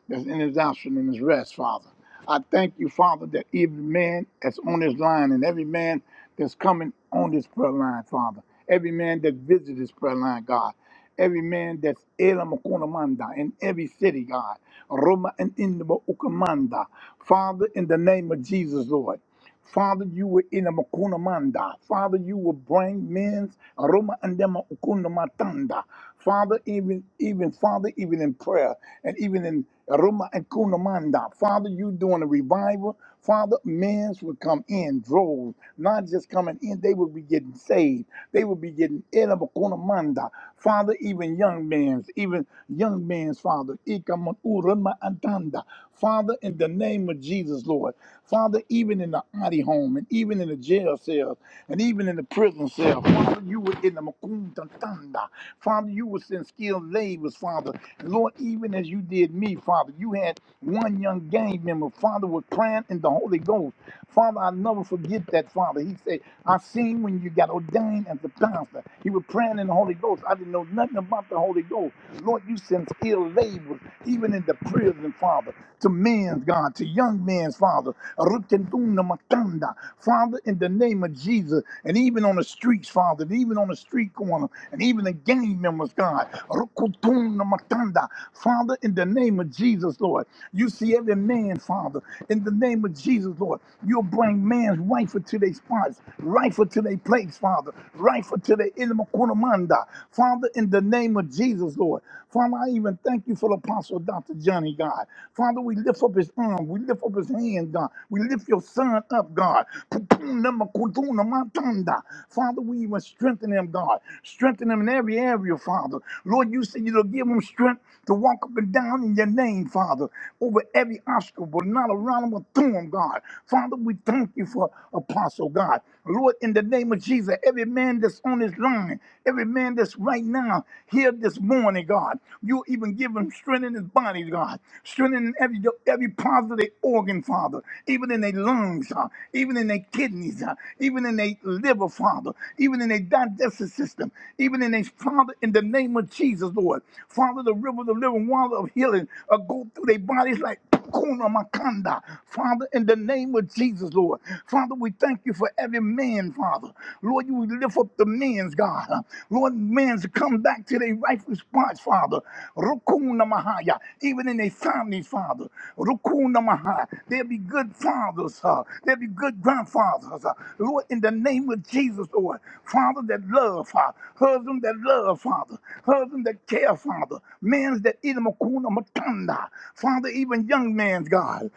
D: that's in his option and his rest, Father. I thank you, Father, that every man that's on this line and every man that's coming on this prayer line, Father, every man that visits this prayer line, God, every man that's Elam Okunamanda in every city, God, Roma and Indaba Ukamanda, Father, in the name of Jesus, Lord. Father, you were in a makuna manda. Father, you will bring men's aroma and them ukuna matanda. Father, even even Father, even in prayer and even in aroma and kuna manda. Father, you doing a revival. Father, men's will come in droves, not just coming in. They will be getting saved. They will be getting in a makuna manda. Father, even young men's, even young men's Father, ikamun urama andanda. Father, in the name of Jesus, Lord. Father, even in the Adi home and even in the jail cells and even in the prison cell, Father, you were in the Makuntantanda. Father, you were in skilled labors, Father. And Lord, even as you did me, Father, you had one young gang member, Father, was praying in the Holy Ghost. Father, I never forget that, Father. He said, I seen when you got ordained as a pastor. You were praying in the Holy Ghost. I didn't know nothing about the Holy Ghost. Lord, you sent skilled laborers, even in the prison, Father, to men's God, to young men's Father. Rutenduna matanda. Father, in the name of Jesus, and even on the streets, Father, and even on the street corner, and even the gang members, God. Rukutuna matanda. Father, in the name of Jesus, Lord, you see every man, Father, in the name of of Jesus, Lord, you'll bring man's rifle to their spots, rifle to their place, Father, rifle to their ilmakunamanda. Father, in the name of Jesus, Lord. Father, I even thank you for the apostle Dr. Johnny, God. Father, we lift up his arm, we lift up his hand, God. We lift your son up, God. Putunamakudunamantanda. Father, we even strengthen him, God. Strengthen him in every area, Father. Lord, you said you'll give him strength to walk up and down in your name, Father, over every obstacle, not around them or through them, God. Father, we thank you for Apostle God. Lord, in the name of Jesus, every man that's on this line, every man that's right now here this morning, God, you even give him strength in his body, God. Strength in every, every part of their organ, Father. Even in their lungs, uh, even in their kidneys, uh, even in their liver, Father. Even in their digestive system, even in their Father, in the name of Jesus, Lord. Father, the river, the living water of healing uh, go through their bodies like Kuna Makanda. Father, in the name of Jesus, Lord. Father, we thank you for every man, Father. Lord, you lift up the men's God. Lord, men's come back to their rightful spots, Father. Rukuna Mahaya, even in their families, Father. Rukuna Mahaya. There'll be good fathers, uh, there'll be good grandfathers. uh, Lord, in the name of Jesus, Lord. Father that love, Father. Husband that love, Father. Husband that care, Father. Men's that eat them a kuna matanda. Father, even young man's God.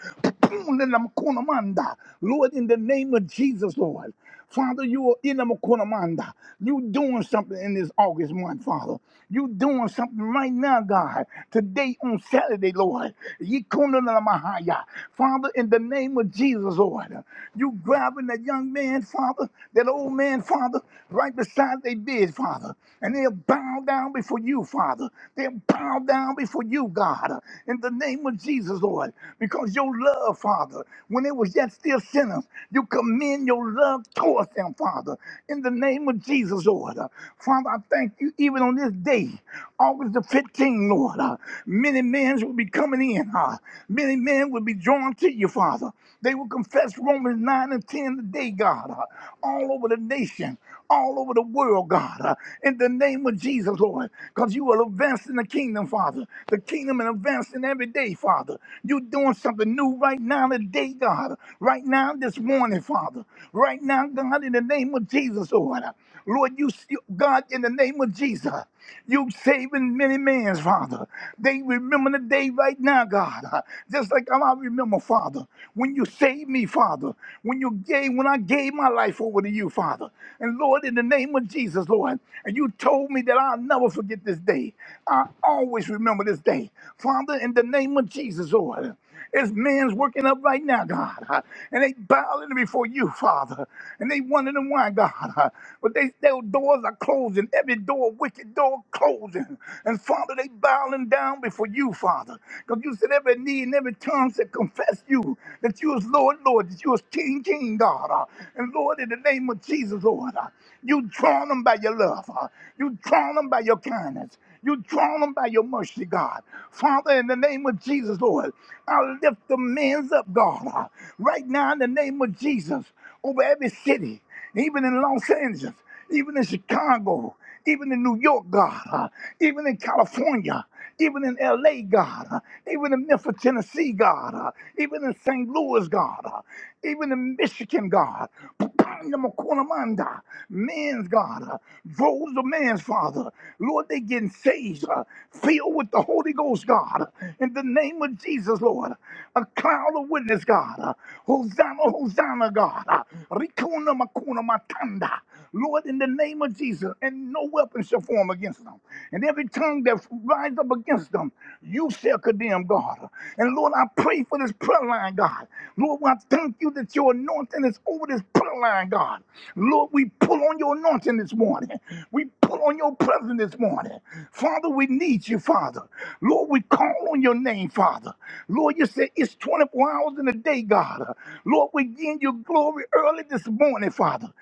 D: Lord, in the name of Jesus, Lord. Father, you are in the Makunamanda. You doing something in this August month, Father. You doing something right now, God. Today on Saturday, Lord. Yikunanamahaya. Father, in the name of Jesus, Lord. You grabbing that young man, Father, that old man, Father, right beside their bed, Father. And they'll bow down before you, Father. They'll bow down before you, God. God, in the name of Jesus, Lord, because your love, Father, when it was yet still sinners, you commend your love towards them, Father, in the name of Jesus, Lord. Father, I thank you even on this day, August the 15th, Lord. uh, many men will be coming in, uh, many men will be drawn to you, Father. They will confess Romans 9 and 10 today, God, uh, all over the nation all over the world, God, uh, in the name of Jesus, Lord, because you are advancing the kingdom, Father. The kingdom is advancing every day, Father. You're doing something new right now today, God. Right now, this morning, Father. Right now, God, in the name of Jesus, Lord. uh, Lord, you, you- God, in the name of Jesus, you saving many men's Father. They remember the day right now, God. uh, Just like how I remember, Father, when you saved me, Father, when you gave, when I gave my life over to you, Father. And Lord, in the name of Jesus, Lord, and you told me that I'll never forget this day. I always remember this day. Father, in the name of Jesus, Lord. There's men's working up right now, God, uh, and they bowing before you, Father, and they wondering why, God. uh, But they, their doors are closing, every door, wicked door closing. And Father, they bowing down before you, Father, because you said every knee and every tongue said confess you, that you is Lord, Lord, that you is King, King, God. Uh, And Lord, in the name of Jesus, Lord, uh, you drawn them by your love. uh, You drawn them by your kindness. You draw them by your mercy, God. Father, in the name of Jesus, Lord, I lift the men's up, God. Uh, Right now, in the name of Jesus, over every city, even in Los Angeles, even in Chicago, even in New York, God, uh, even in California even in LA, God, uh, even in Memphis, Tennessee, God, uh, even in St. Louis, God, uh, even in Michigan, God, Panamakunamanda, men's God, uh, droves of man's Father, Lord, they getting saved, uh, filled with the Holy Ghost, God, uh, in the name of Jesus, Lord, a cloud of witness, God, uh, Hosanna, Hosanna, God, uh, Rikuna Makuna Matanda, Lord, in the name of Jesus, and no weapon shall shall form against them. And every tongue that rises up against them, you shall condemn, God. And Lord, I pray for this prayer line, God. Lord, I thank you that your anointing is over this prayer line, God. Lord, we pull on your anointing this morning. We pull on your presence this morning. Father, we need you, Father. Lord, we call on your name, Father. Lord, you said it's 24 hours in a day, God. Lord, we give you glory early this morning, Father.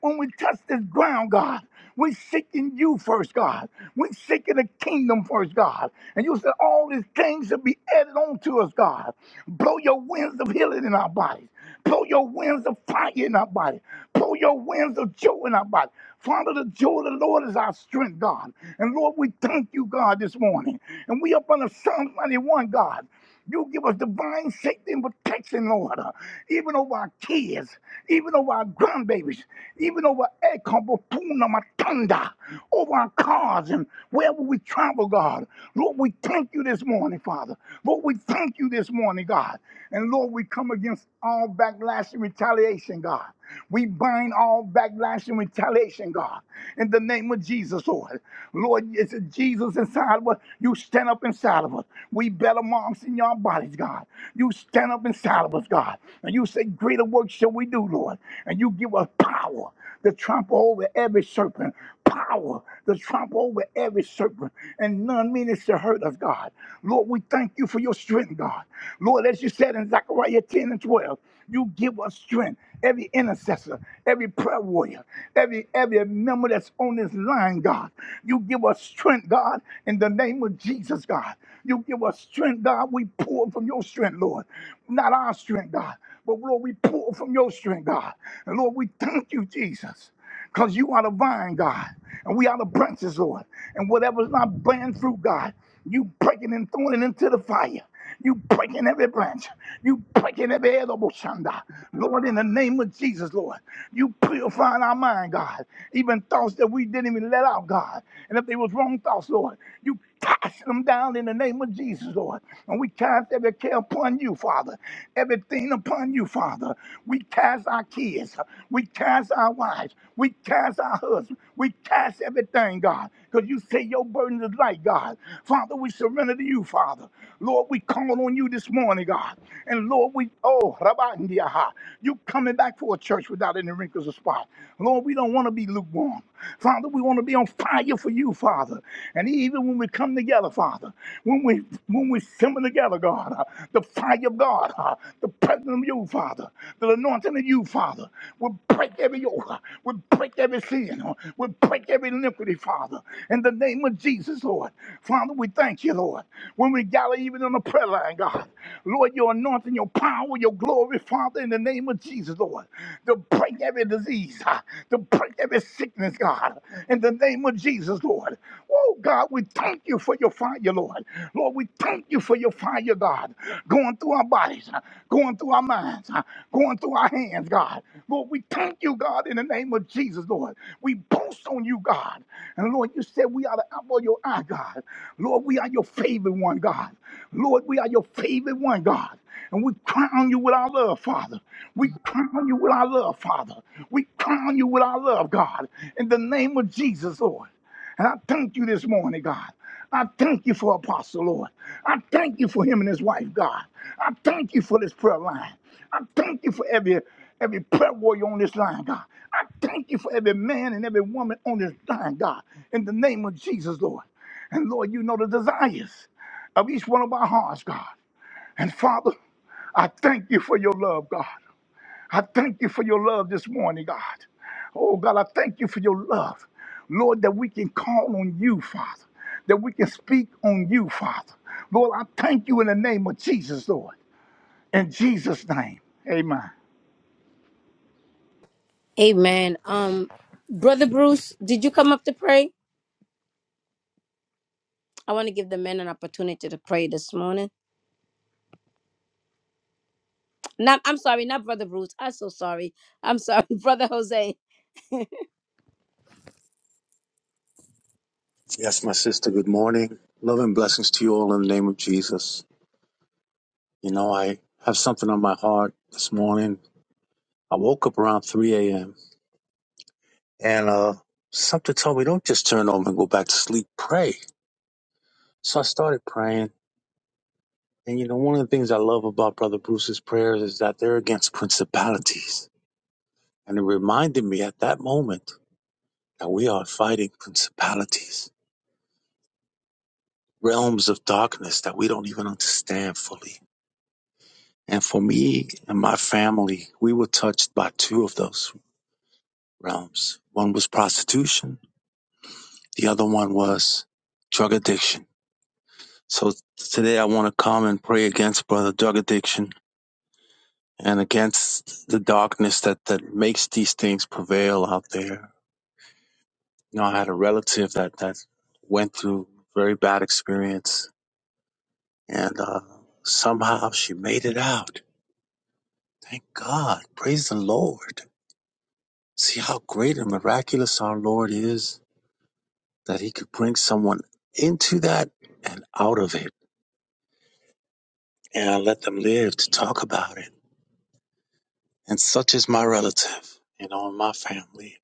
D: When we to touch this ground, God. We're seeking you first, God. We're seeking the kingdom first, God. And you said all these things should be added on to us, God. Blow your winds of healing in our bodies. Blow your winds of fire in our body. Blow your winds of joy in our body. Father, the joy of the Lord is our strength, God. And Lord, we thank you, God, this morning. And we up on the Psalm 91, God. You give us divine safety and protection, Lord, uh, even over our kids, even over our grandbabies, even over El Capopuna Matanda, over our cars and wherever we travel, God. Lord, we thank you this morning, Father. Lord, we thank you this morning, God. And Lord, we come against all backlash and retaliation, God. We bind all backlash and retaliation, God, in the name of Jesus, Lord. Lord, it's Jesus inside of us. You stand up inside of us. We better marks in your bodies, God. You stand up inside of us, God. And you say, Greater work shall we do, Lord. And you give us power to trample over every serpent, power to trample over every serpent, and none meaneth to hurt us, God. Lord, we thank you for your strength, God. Lord, as you said in Zechariah 10 and 12, you give us strength. Every intercessor, every prayer warrior, every every member that's on this line, God, you give us strength, God, in the name of Jesus, God. You give us strength, God. We pour from your strength, Lord, not our strength, God. But Lord, we pull from your strength, God. And Lord, we thank you, Jesus, because you are the vine, God, and we are the branches, Lord. And whatever's not bearing fruit, God, you breaking and throwing it into the fire. You breaking every branch. You breaking every edible shanda. Lord, in the name of Jesus, Lord, you purifying our mind, God. Even thoughts that we didn't even let out, God. And if they was wrong thoughts, Lord, you Cast them down in the name of Jesus, Lord. And we cast every care upon you, Father. Everything upon you, Father. We cast our kids. We cast our wives. We cast our husbands. We cast everything, God. Because you say your burden is light, God. Father, we surrender to you, Father. Lord, we call on you this morning, God. And Lord, we, oh, Rabandiaha, you coming back for a church without any wrinkles or spot. Lord, we don't want to be lukewarm. Father, we want we want to be on fire for you, Father. And even when we come together, Father, when we when we come together, God, uh, the fire of God, uh, the presence of you, Father, the anointing of you, Father, will break every yoke, uh, will break every sin, uh, will break every iniquity, Father. In the name of Jesus, Lord. Father, we thank you, Lord. When we gather even on the prayer line, God, Lord, your anointing, your power, your glory, Father, in the name of Jesus, Lord, to break every disease disease, uh, to break every sickness, God, in the name of Jesus, Lord. Oh, God, we thank you for your fire, Lord. Lord, we thank you for your fire, God, going through our bodies, uh, going through our minds, uh, going through our hands, God. Lord, we thank you, God, in the name of Jesus, Lord. We boast on you, God. And Lord, you said we are the apple of your eye, God. Lord, we are your favorite one, God. Lord, we are your favorite one, God. And we crown you with our love, Father. We crown you with our love, Father. We crown you with our love, God, in the name of Jesus, Lord. And I thank you this morning, God. I thank you for Apostle, Lord. I thank you for him and his wife, God. I thank you for this prayer line. I thank you for every every prayer warrior on this line, God. I thank you for every man and every woman on this line, God, in the name of Jesus, Lord. And Lord, you know the desires of each one of our hearts, God. And Father, I thank you for your love, God. I thank you for your love this morning, God. Oh, God, I thank you for your love. Lord, that we can call on you, Father, that we can speak on you, Father. Lord, I thank you in the name of Jesus, Lord. In Jesus' name, amen.
A: Amen. Um, Brother Bruce, did you come up to pray? I want to give the men an opportunity to pray this morning. Not, I'm sorry, not Brother Bruce. I'm so sorry. I'm sorry, Brother Jose.
E: Yes, my sister, good morning. Love and blessings to you all in the name of Jesus. You know, I have something on my heart this morning. I woke up around 3 a.m. and uh, something told me, don't just turn over and go back to sleep, pray. So I started praying. And, you know, one of the things I love about Brother Bruce's prayers is that they're against principalities. And it reminded me at that moment that we are fighting principalities, realms of darkness that we don't even understand fully And for me and my family, we were touched by two of those realms. One was prostitution. The other one was drug addiction. So today I want to come and pray against brother drug addiction and against the darkness that, that makes these things prevail out there. You know, I had a relative that, that went through very bad experience and, uh, somehow she made it out. Thank God. Praise the Lord. See how great and miraculous our Lord is that he could bring someone into that and out of it and I let them live to talk about it. And such is my relative, you know, and my family.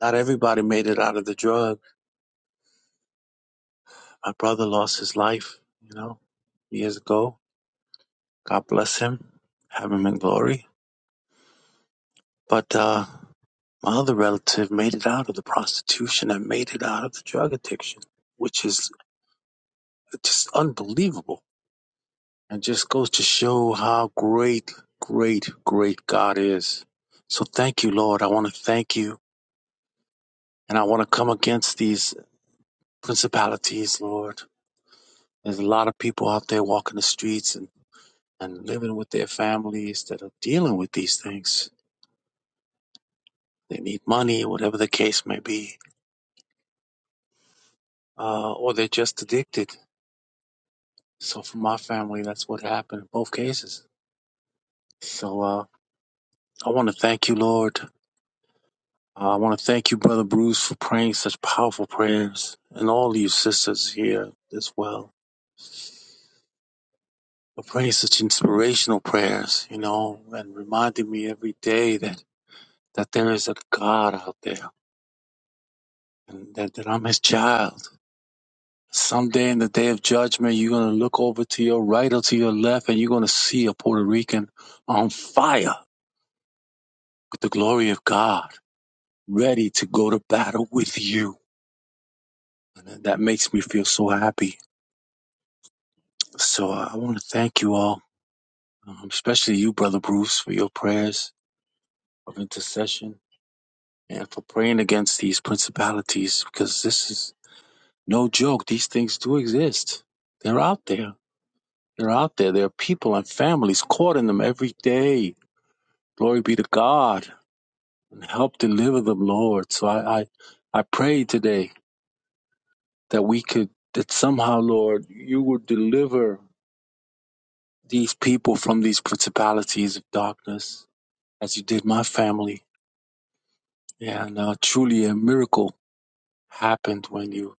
E: Not everybody made it out of the drug. My brother lost his life, you know, years ago. God bless him. Have him in glory. But uh my other relative made it out of the prostitution and made it out of the drug addiction, which is just unbelievable And just goes to show how great, great, great God is. So thank you, Lord. I want to thank you. And I want to come against these principalities, Lord. There's a lot of people out there walking the streets and, and living with their families that are dealing with these things. They need money, whatever the case may be, uh, or they're just addicted. So for my family, that's what happened in both cases. So uh, I want to thank you, Lord. Uh, I want to thank you, Brother Bruce, for praying such powerful prayers, and all you sisters here as well for praying such inspirational prayers, you know, and reminding me every day that, that there is a God out there and that, that I'm his child. Someday in the day of judgment, you're going to look over to your right or to your left, and you're going to see a Puerto Rican on fire with the glory of God, ready to go to battle with you. And that makes me feel so happy. So uh, I want to thank you all um, especially you, Brother Bruce, for your prayers of intercession and for praying against these principalities because this is no joke. These things do exist. They're out there. They're out there. There are people and families caught in them every day. Glory be to God and help deliver them, Lord. So I, I, I pray today that we could, that somehow, Lord, you would deliver these people from these principalities of darkness as you did my family. Yeah, and uh, truly a miracle happened when you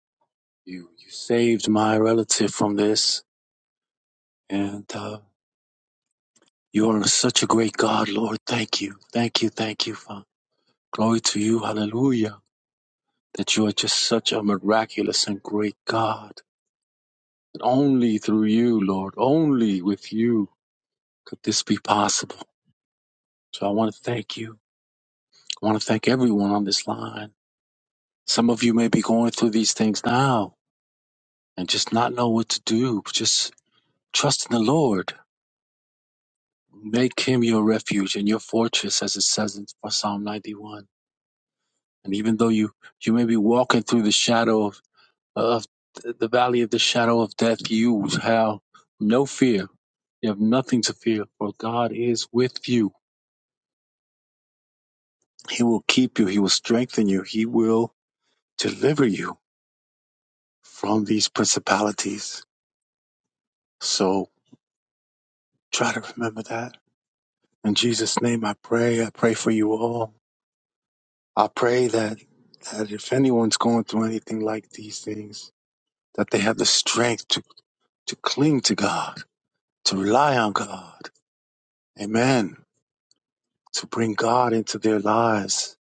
E: you you saved my relative from this and uh, you are such a great god lord thank you thank you thank you father glory to you hallelujah that you are just such a miraculous and great god and only through you lord only with you could this be possible so i want to thank you i want to thank everyone on this line some of you may be going through these things now and just not know what to do just trust in the lord Make him your refuge and your fortress, as it says in for Psalm 91. And even though you, you may be walking through the shadow of, of the valley of the shadow of death, you have no fear. You have nothing to fear, for God is with you. He will keep you. He will strengthen you. He will deliver you from these principalities. So try to remember that. In Jesus' name I pray. I pray for you all. I pray that that if anyone's going through anything like these things, that they have the strength to, to cling to God, to rely on God. Amen. To bring God into their lives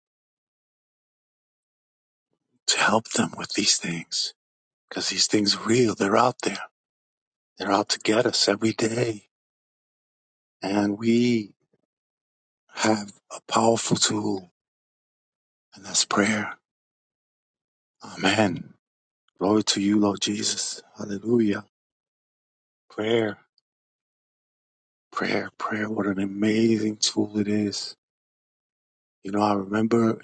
E: to help them with these things. Because these things are real. They're out there. They're out to get us every day. And we have a powerful tool, and that's prayer. Amen. Glory to you, Lord Jesus. Hallelujah. Prayer, prayer, prayer. What an amazing tool it is You know, I remember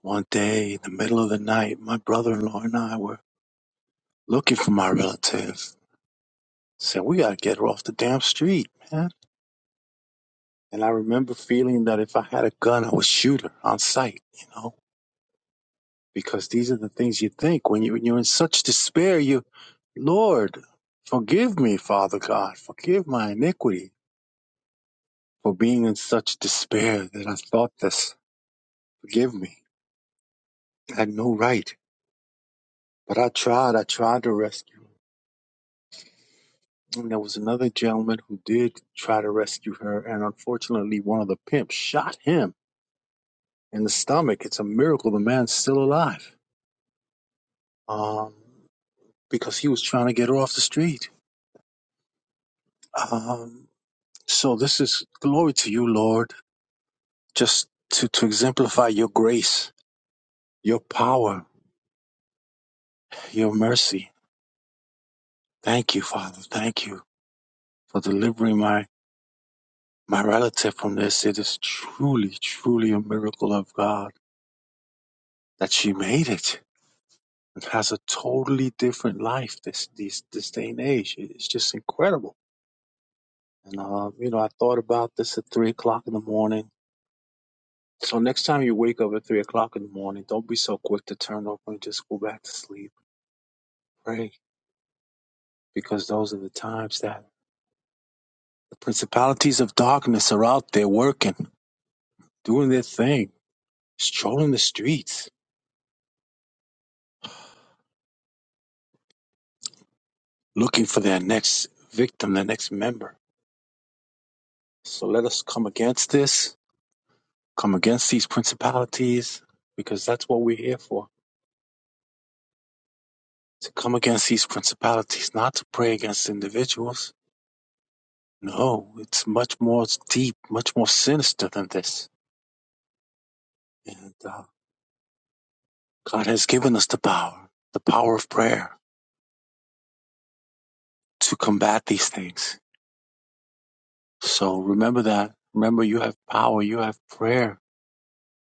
E: one day in the middle of the night, my brother in law and I were looking for my relatives. Said, we gotta get her off the damn street, man. And I remember feeling that if I had a gun, I would shoot her on sight, you know, because these are the things you think when you, when you're in such despair. You, Lord, forgive me, Father God, forgive my iniquity for being in such despair that I thought this. Forgive me. I had no right. But I tried, I tried to rescue. And there was another gentleman who did try to rescue her, and unfortunately, one of the pimps shot him in the stomach. It's a miracle the man's still alive, um, because he was trying to get her off the street. Um, so this is glory to you, Lord, just to, to exemplify your grace, your power, your mercy. Thank you, Father. Thank you for delivering my my relative from this. It is truly, truly a miracle of God that she made it has a totally different life this this this day and age. It- It's just incredible. And uh, you know, I thought about this at three o'clock in the morning. So next time you wake up at three o'clock in the morning, don't be so quick to turn over and just go back to sleep. Pray, because those are the times that the principalities of darkness are out there working, doing their thing, strolling the streets, looking for their next victim, their next member. So let us come against this Come against these principalities because that's what we're here for. To come against these principalities, not to pray against individuals. No, it's much more deep, much more sinister than this. And uh, God has given us the power, the power of prayer to combat these things. So remember that. Remember, you have power, you have prayer.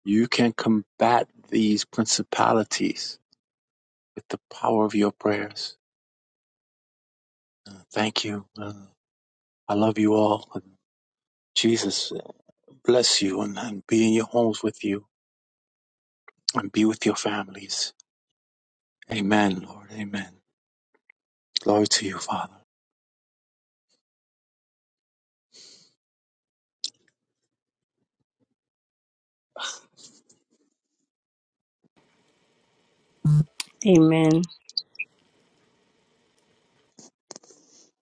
E: You can combat these principalities with the power of your prayers. Uh, Thank you. Uh, I love you all. Jesus. bless you and, and be in your homes with you and be with your families. Amen, Lord. Amen. Glory to you, Father.
A: Amen.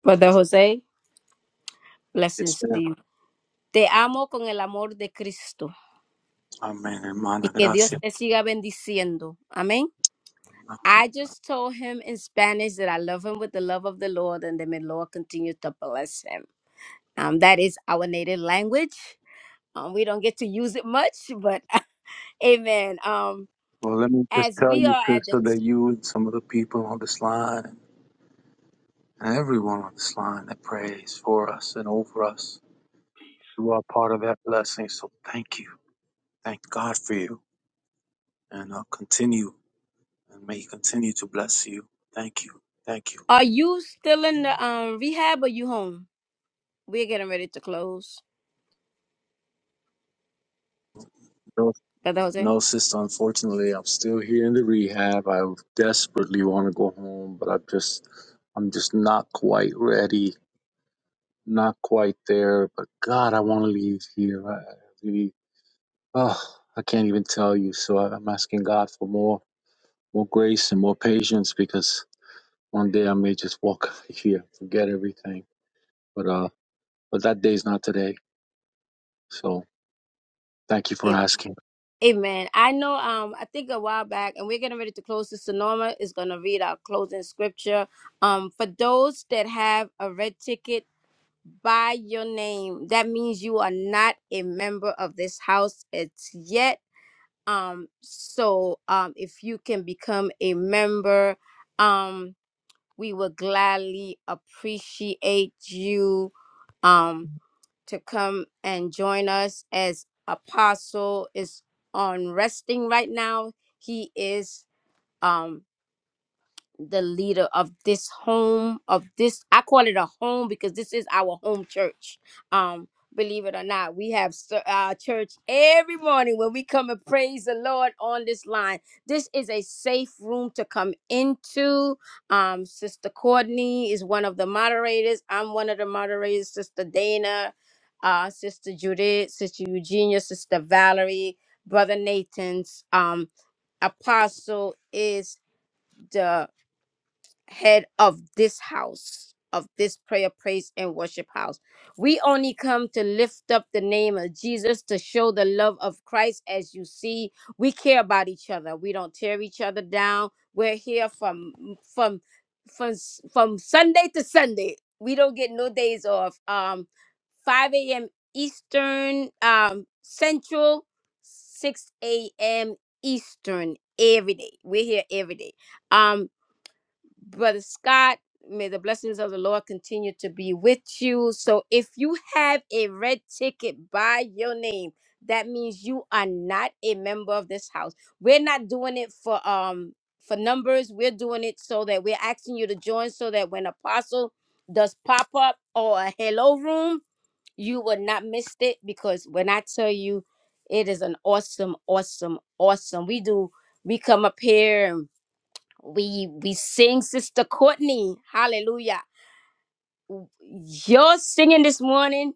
A: Brother Jose,
E: Yes,
A: blessings to
E: ma'am.
A: you. Te amo con el amor de Cristo
E: Amen,
A: y
E: hermana.
A: que Dios
E: Gracias.
A: te siga bendiciendo. Amen. I just told him in Spanish that I love him with the love of the Lord and that may the Lord continue to bless him. Um, that is our native language. Um, we don't get to use it much, but Amen. Um,
E: Well, let me just
A: as
E: tell
A: we
E: you,
A: are at the,
E: sister, that you and some of the people on this line and everyone on this line that prays for us and over us, you are part of that blessing. So thank you. Thank God for you. And I'll continue and may He continue to bless you. Thank you. Thank
A: are you still in the um rehab or you home? We're getting ready to close,
E: you.
A: brother Jose.
E: No, sister, unfortunately, I'm still here in the rehab. I desperately want to go home, but I'm just, I'm just not quite ready, not quite there. But God, I want to leave here. I I really, oh, I can't even tell you. So I- I'm asking God for more, more grace and more patience because one day I may just walk out of here, forget everything. But uh, but that day's not today. So thank you for
A: A-
E: asking.
A: Amen. I know. Um, I think a while back, and we're getting ready to close. Sister Norma is gonna read our closing scripture. Um, for those that have a red ticket by your name, that means you are not a member of this house. It's yet. Um, so um, if you can become a member, um, We would gladly appreciate you um, to come and join us as Apostle is on resting right now. He is. Um, the leader of this home of this i call it a home because this is our home church um believe it or not we have ser- our church every morning when we come and praise the lord on this line this is a safe room to come into um sister courtney is one of the moderators i'm one of the moderators sister dana uh sister judith sister eugenia sister valerie brother nathan's um apostle is head of this house, of this prayer, praise, and worship house. We only come to lift up the name of Jesus to show the love of Christ. As you see, we care about each other. We don't tear each other down. We're here from from from s- from Sunday to Sunday. We don't get no days off. Um, 5 a.m. Eastern, um, Central, 6 a.m. Eastern every day. We're here every day. Um, Brother Scott, may the blessings of the Lord continue to be with you. So if you have a red ticket by your name, that means you are not a member of this house. We're not doing it for um for numbers. We're doing it so that we're asking you to join so that when apostle does pop up or a hello room, you will not miss it because when I tell you it is an awesome, awesome, awesome. We do we come up here we we sing Sister Courtney. Hallelujah. Your singing this morning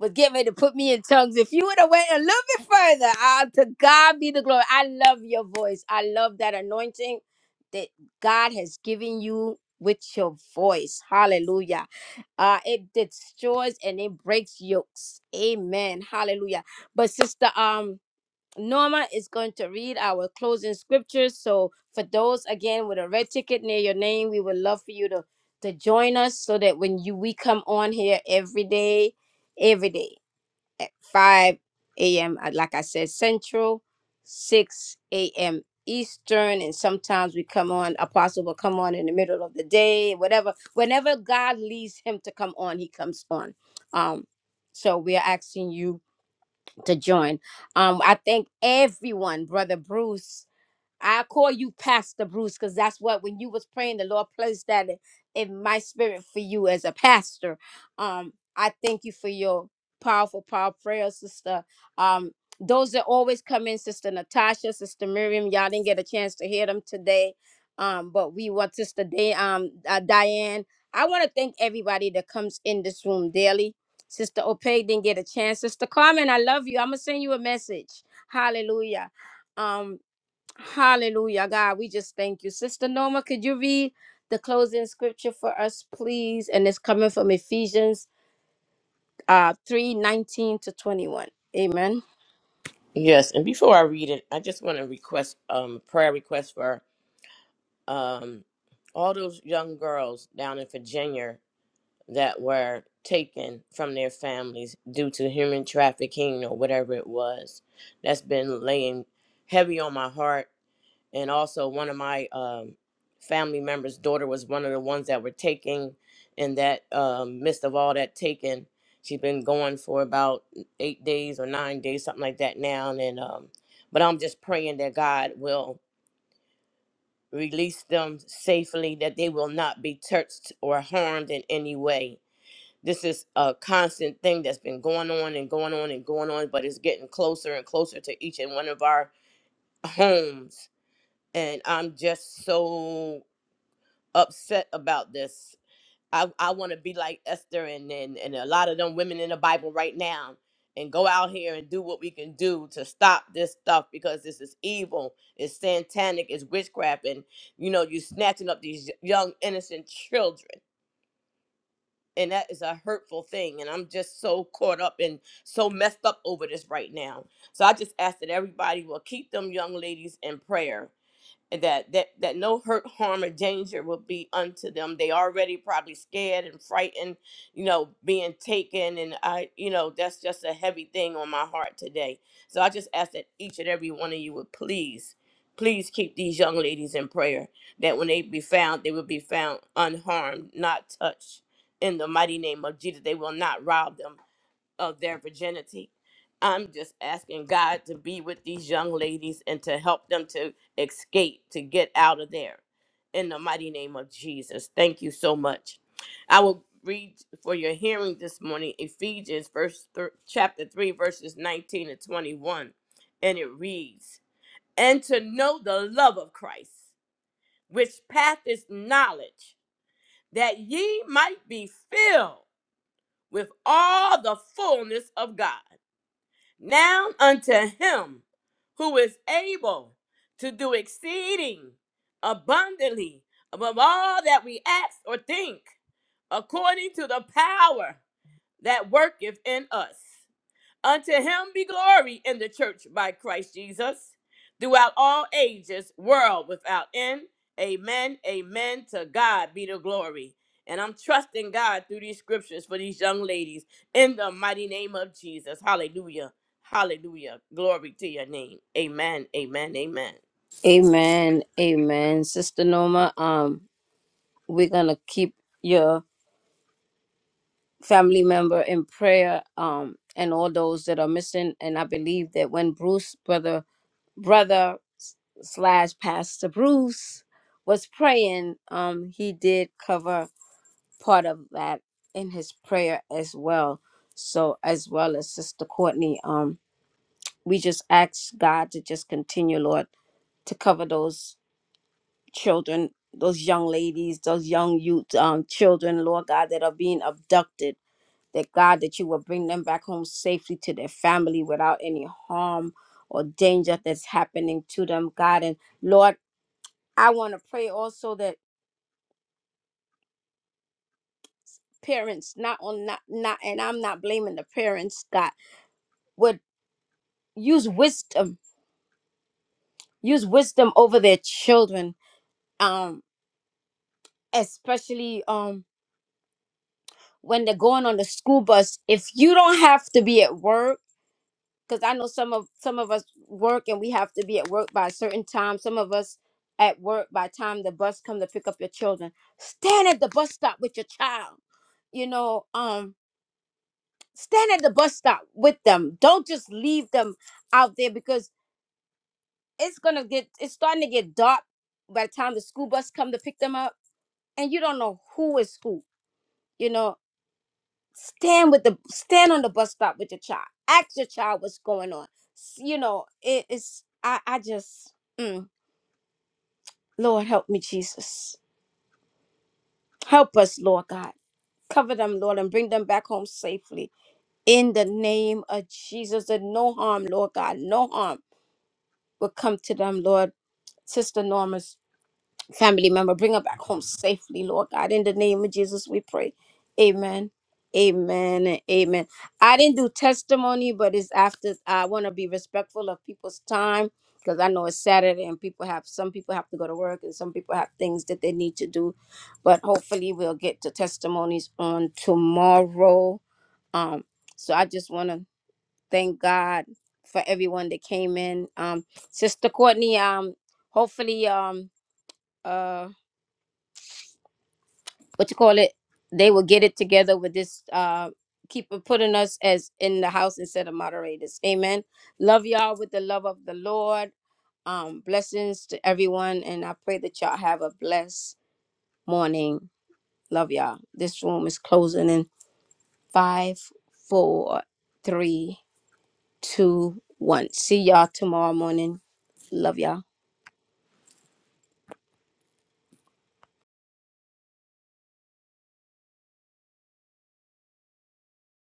A: was getting ready to put me in tongues. If you would have went a little bit further, ah, to God be the glory. I love your voice. I love that anointing that God has given you with your voice. Hallelujah. Uh, it destroys and it breaks yokes. Amen. Hallelujah. But sister, um. Norma is going to read our closing scriptures. So, for those again with a red ticket near your name, we would love for you to to join us so that when you we come on here every day, every day at 5 a.m. uh, Like I said, Central, 6 a.m. Eastern, and sometimes we come on. Apostle will come on in the middle of the day, whatever. Whenever God leads him to come on, he comes on. Um, so we are asking you to join. Um, I thank everyone, Brother Bruce, I call you Pastor Bruce because that's what when you was praying, the Lord placed that in, in my spirit for you as a pastor. Um, I thank you for your powerful, powerful prayer, sister. Um, those that always come in, Sister Natasha, Sister Miriam, y'all didn't get a chance to hear them today. Um, but we want Sister Day, um, uh, Diane. I want to thank everybody that comes in this room daily. Sister Opay didn't get a chance. Sister Carmen, I love you. I'm gonna send you a message. Hallelujah. Um, Hallelujah, God. We just thank you. Sister Norma, could you read the closing scripture for us, please? And it's coming from Ephesians uh, 3 19 to 21. Amen.
F: Yes, and before I read it, I just want to request um prayer request for um all those young girls down in Virginia that were taken from their families due to human trafficking or whatever it was. That's been laying heavy on my heart. And also, one of my um, family members' daughter was one of the ones that were taken. In that um, midst of all that taken, she's been going for about eight days or nine days, something like that now. And um, but I'm just praying that God will release them safely, that they will not be touched or harmed in any way this is a constant thing that's been going on and going on and going on, but it's getting closer and closer to each and one of our homes. And I'm just so upset about this. I, I want to be like Esther and, and, and a lot of them women in the Bible right now and go out here and do what we can do to stop this stuff because this is evil. It's satanic, it's witchcraft. And, you know, you're snatching up these young, innocent children and that is a hurtful thing and i'm just so caught up and so messed up over this right now so i just ask that everybody will keep them young ladies in prayer and that that that no hurt harm or danger will be unto them they already probably scared and frightened you know being taken and i you know that's just a heavy thing on my heart today so i just ask that each and every one of you would please please keep these young ladies in prayer that when they be found they will be found unharmed not touched in the mighty name of jesus they will not rob them of their virginity. I'm just asking God to be with these young ladies and to help them to escape, to get out of there. In the mighty name of Jesus. Thank you so much. I will read for your hearing this morning Ephesians verse thir- chapter 3 verses 19 and 21 and it reads and to know the love of Christ which passeth knowledge that ye might be filled with all the fullness of God now unto him who is able to do exceeding abundantly above all that we ask or think, according to the power that worketh in us. Unto him be glory in the church by Christ Jesus throughout all ages, world without end. Amen. Amen. To God be the glory. And I'm trusting God through these scriptures for these young ladies in the mighty name of Jesus. Hallelujah. Hallelujah. Glory to your name. Amen. Amen. Amen.
A: Amen. Amen. Sister Norma, um, we're going to keep your family member in prayer um, and all those that are missing. And I believe that when Bruce, brother, brother slash Pastor Bruce, was praying, um, he did cover part of that in his prayer as well. So as well as Sister Courtney, um, we just ask God to just continue, Lord, to cover those children, those young ladies, those young youth, um, children, Lord God, that are being abducted. That God, that you will bring them back home safely to their family without any harm or danger that's happening to them, God. And Lord, I want to pray also that parents, not on, not, not, and I'm not blaming the parents, God use wisdom use wisdom over their children um especially um when they're going on the school bus if you don't have to be at work because i know some of some of us work and we have to be at work by a certain time some of us at work by the time the bus come to pick up your children stand at the bus stop with your child you know um stand at the bus stop with them don't just leave them out there because it's gonna get it's starting to get dark by the time the school bus come to pick them up and you don't know who is who. You know, stand with the stand on the bus stop with your child. Ask your child what's going on. S- You know, it is. I I just, mm, Lord help me, Jesus, help us, Lord God, cover them, Lord, and bring them back home safely in the name of Jesus. That no harm, Lord God, no harm will come to them, Lord. Sister Norma family member. Bring her back home safely, Lord God. In the name of Jesus, we pray. Amen. Amen. and Amen. I didn't do testimony, but it's after I want to be respectful of people's time because I know it's Saturday and people have some people have to go to work and some people have things that they need to do. But hopefully we'll get to testimonies on tomorrow. Um, so I just want to thank God for everyone that came in. Um, Sister Courtney, um, hopefully um uh, what you call it they will get it together with this uh keep putting us as in the house instead of moderators amen love y'all with the love of the lord um blessings to everyone and i pray that y'all have a blessed morning love y'all this room is closing in five four three two one see y'all tomorrow morning love y'all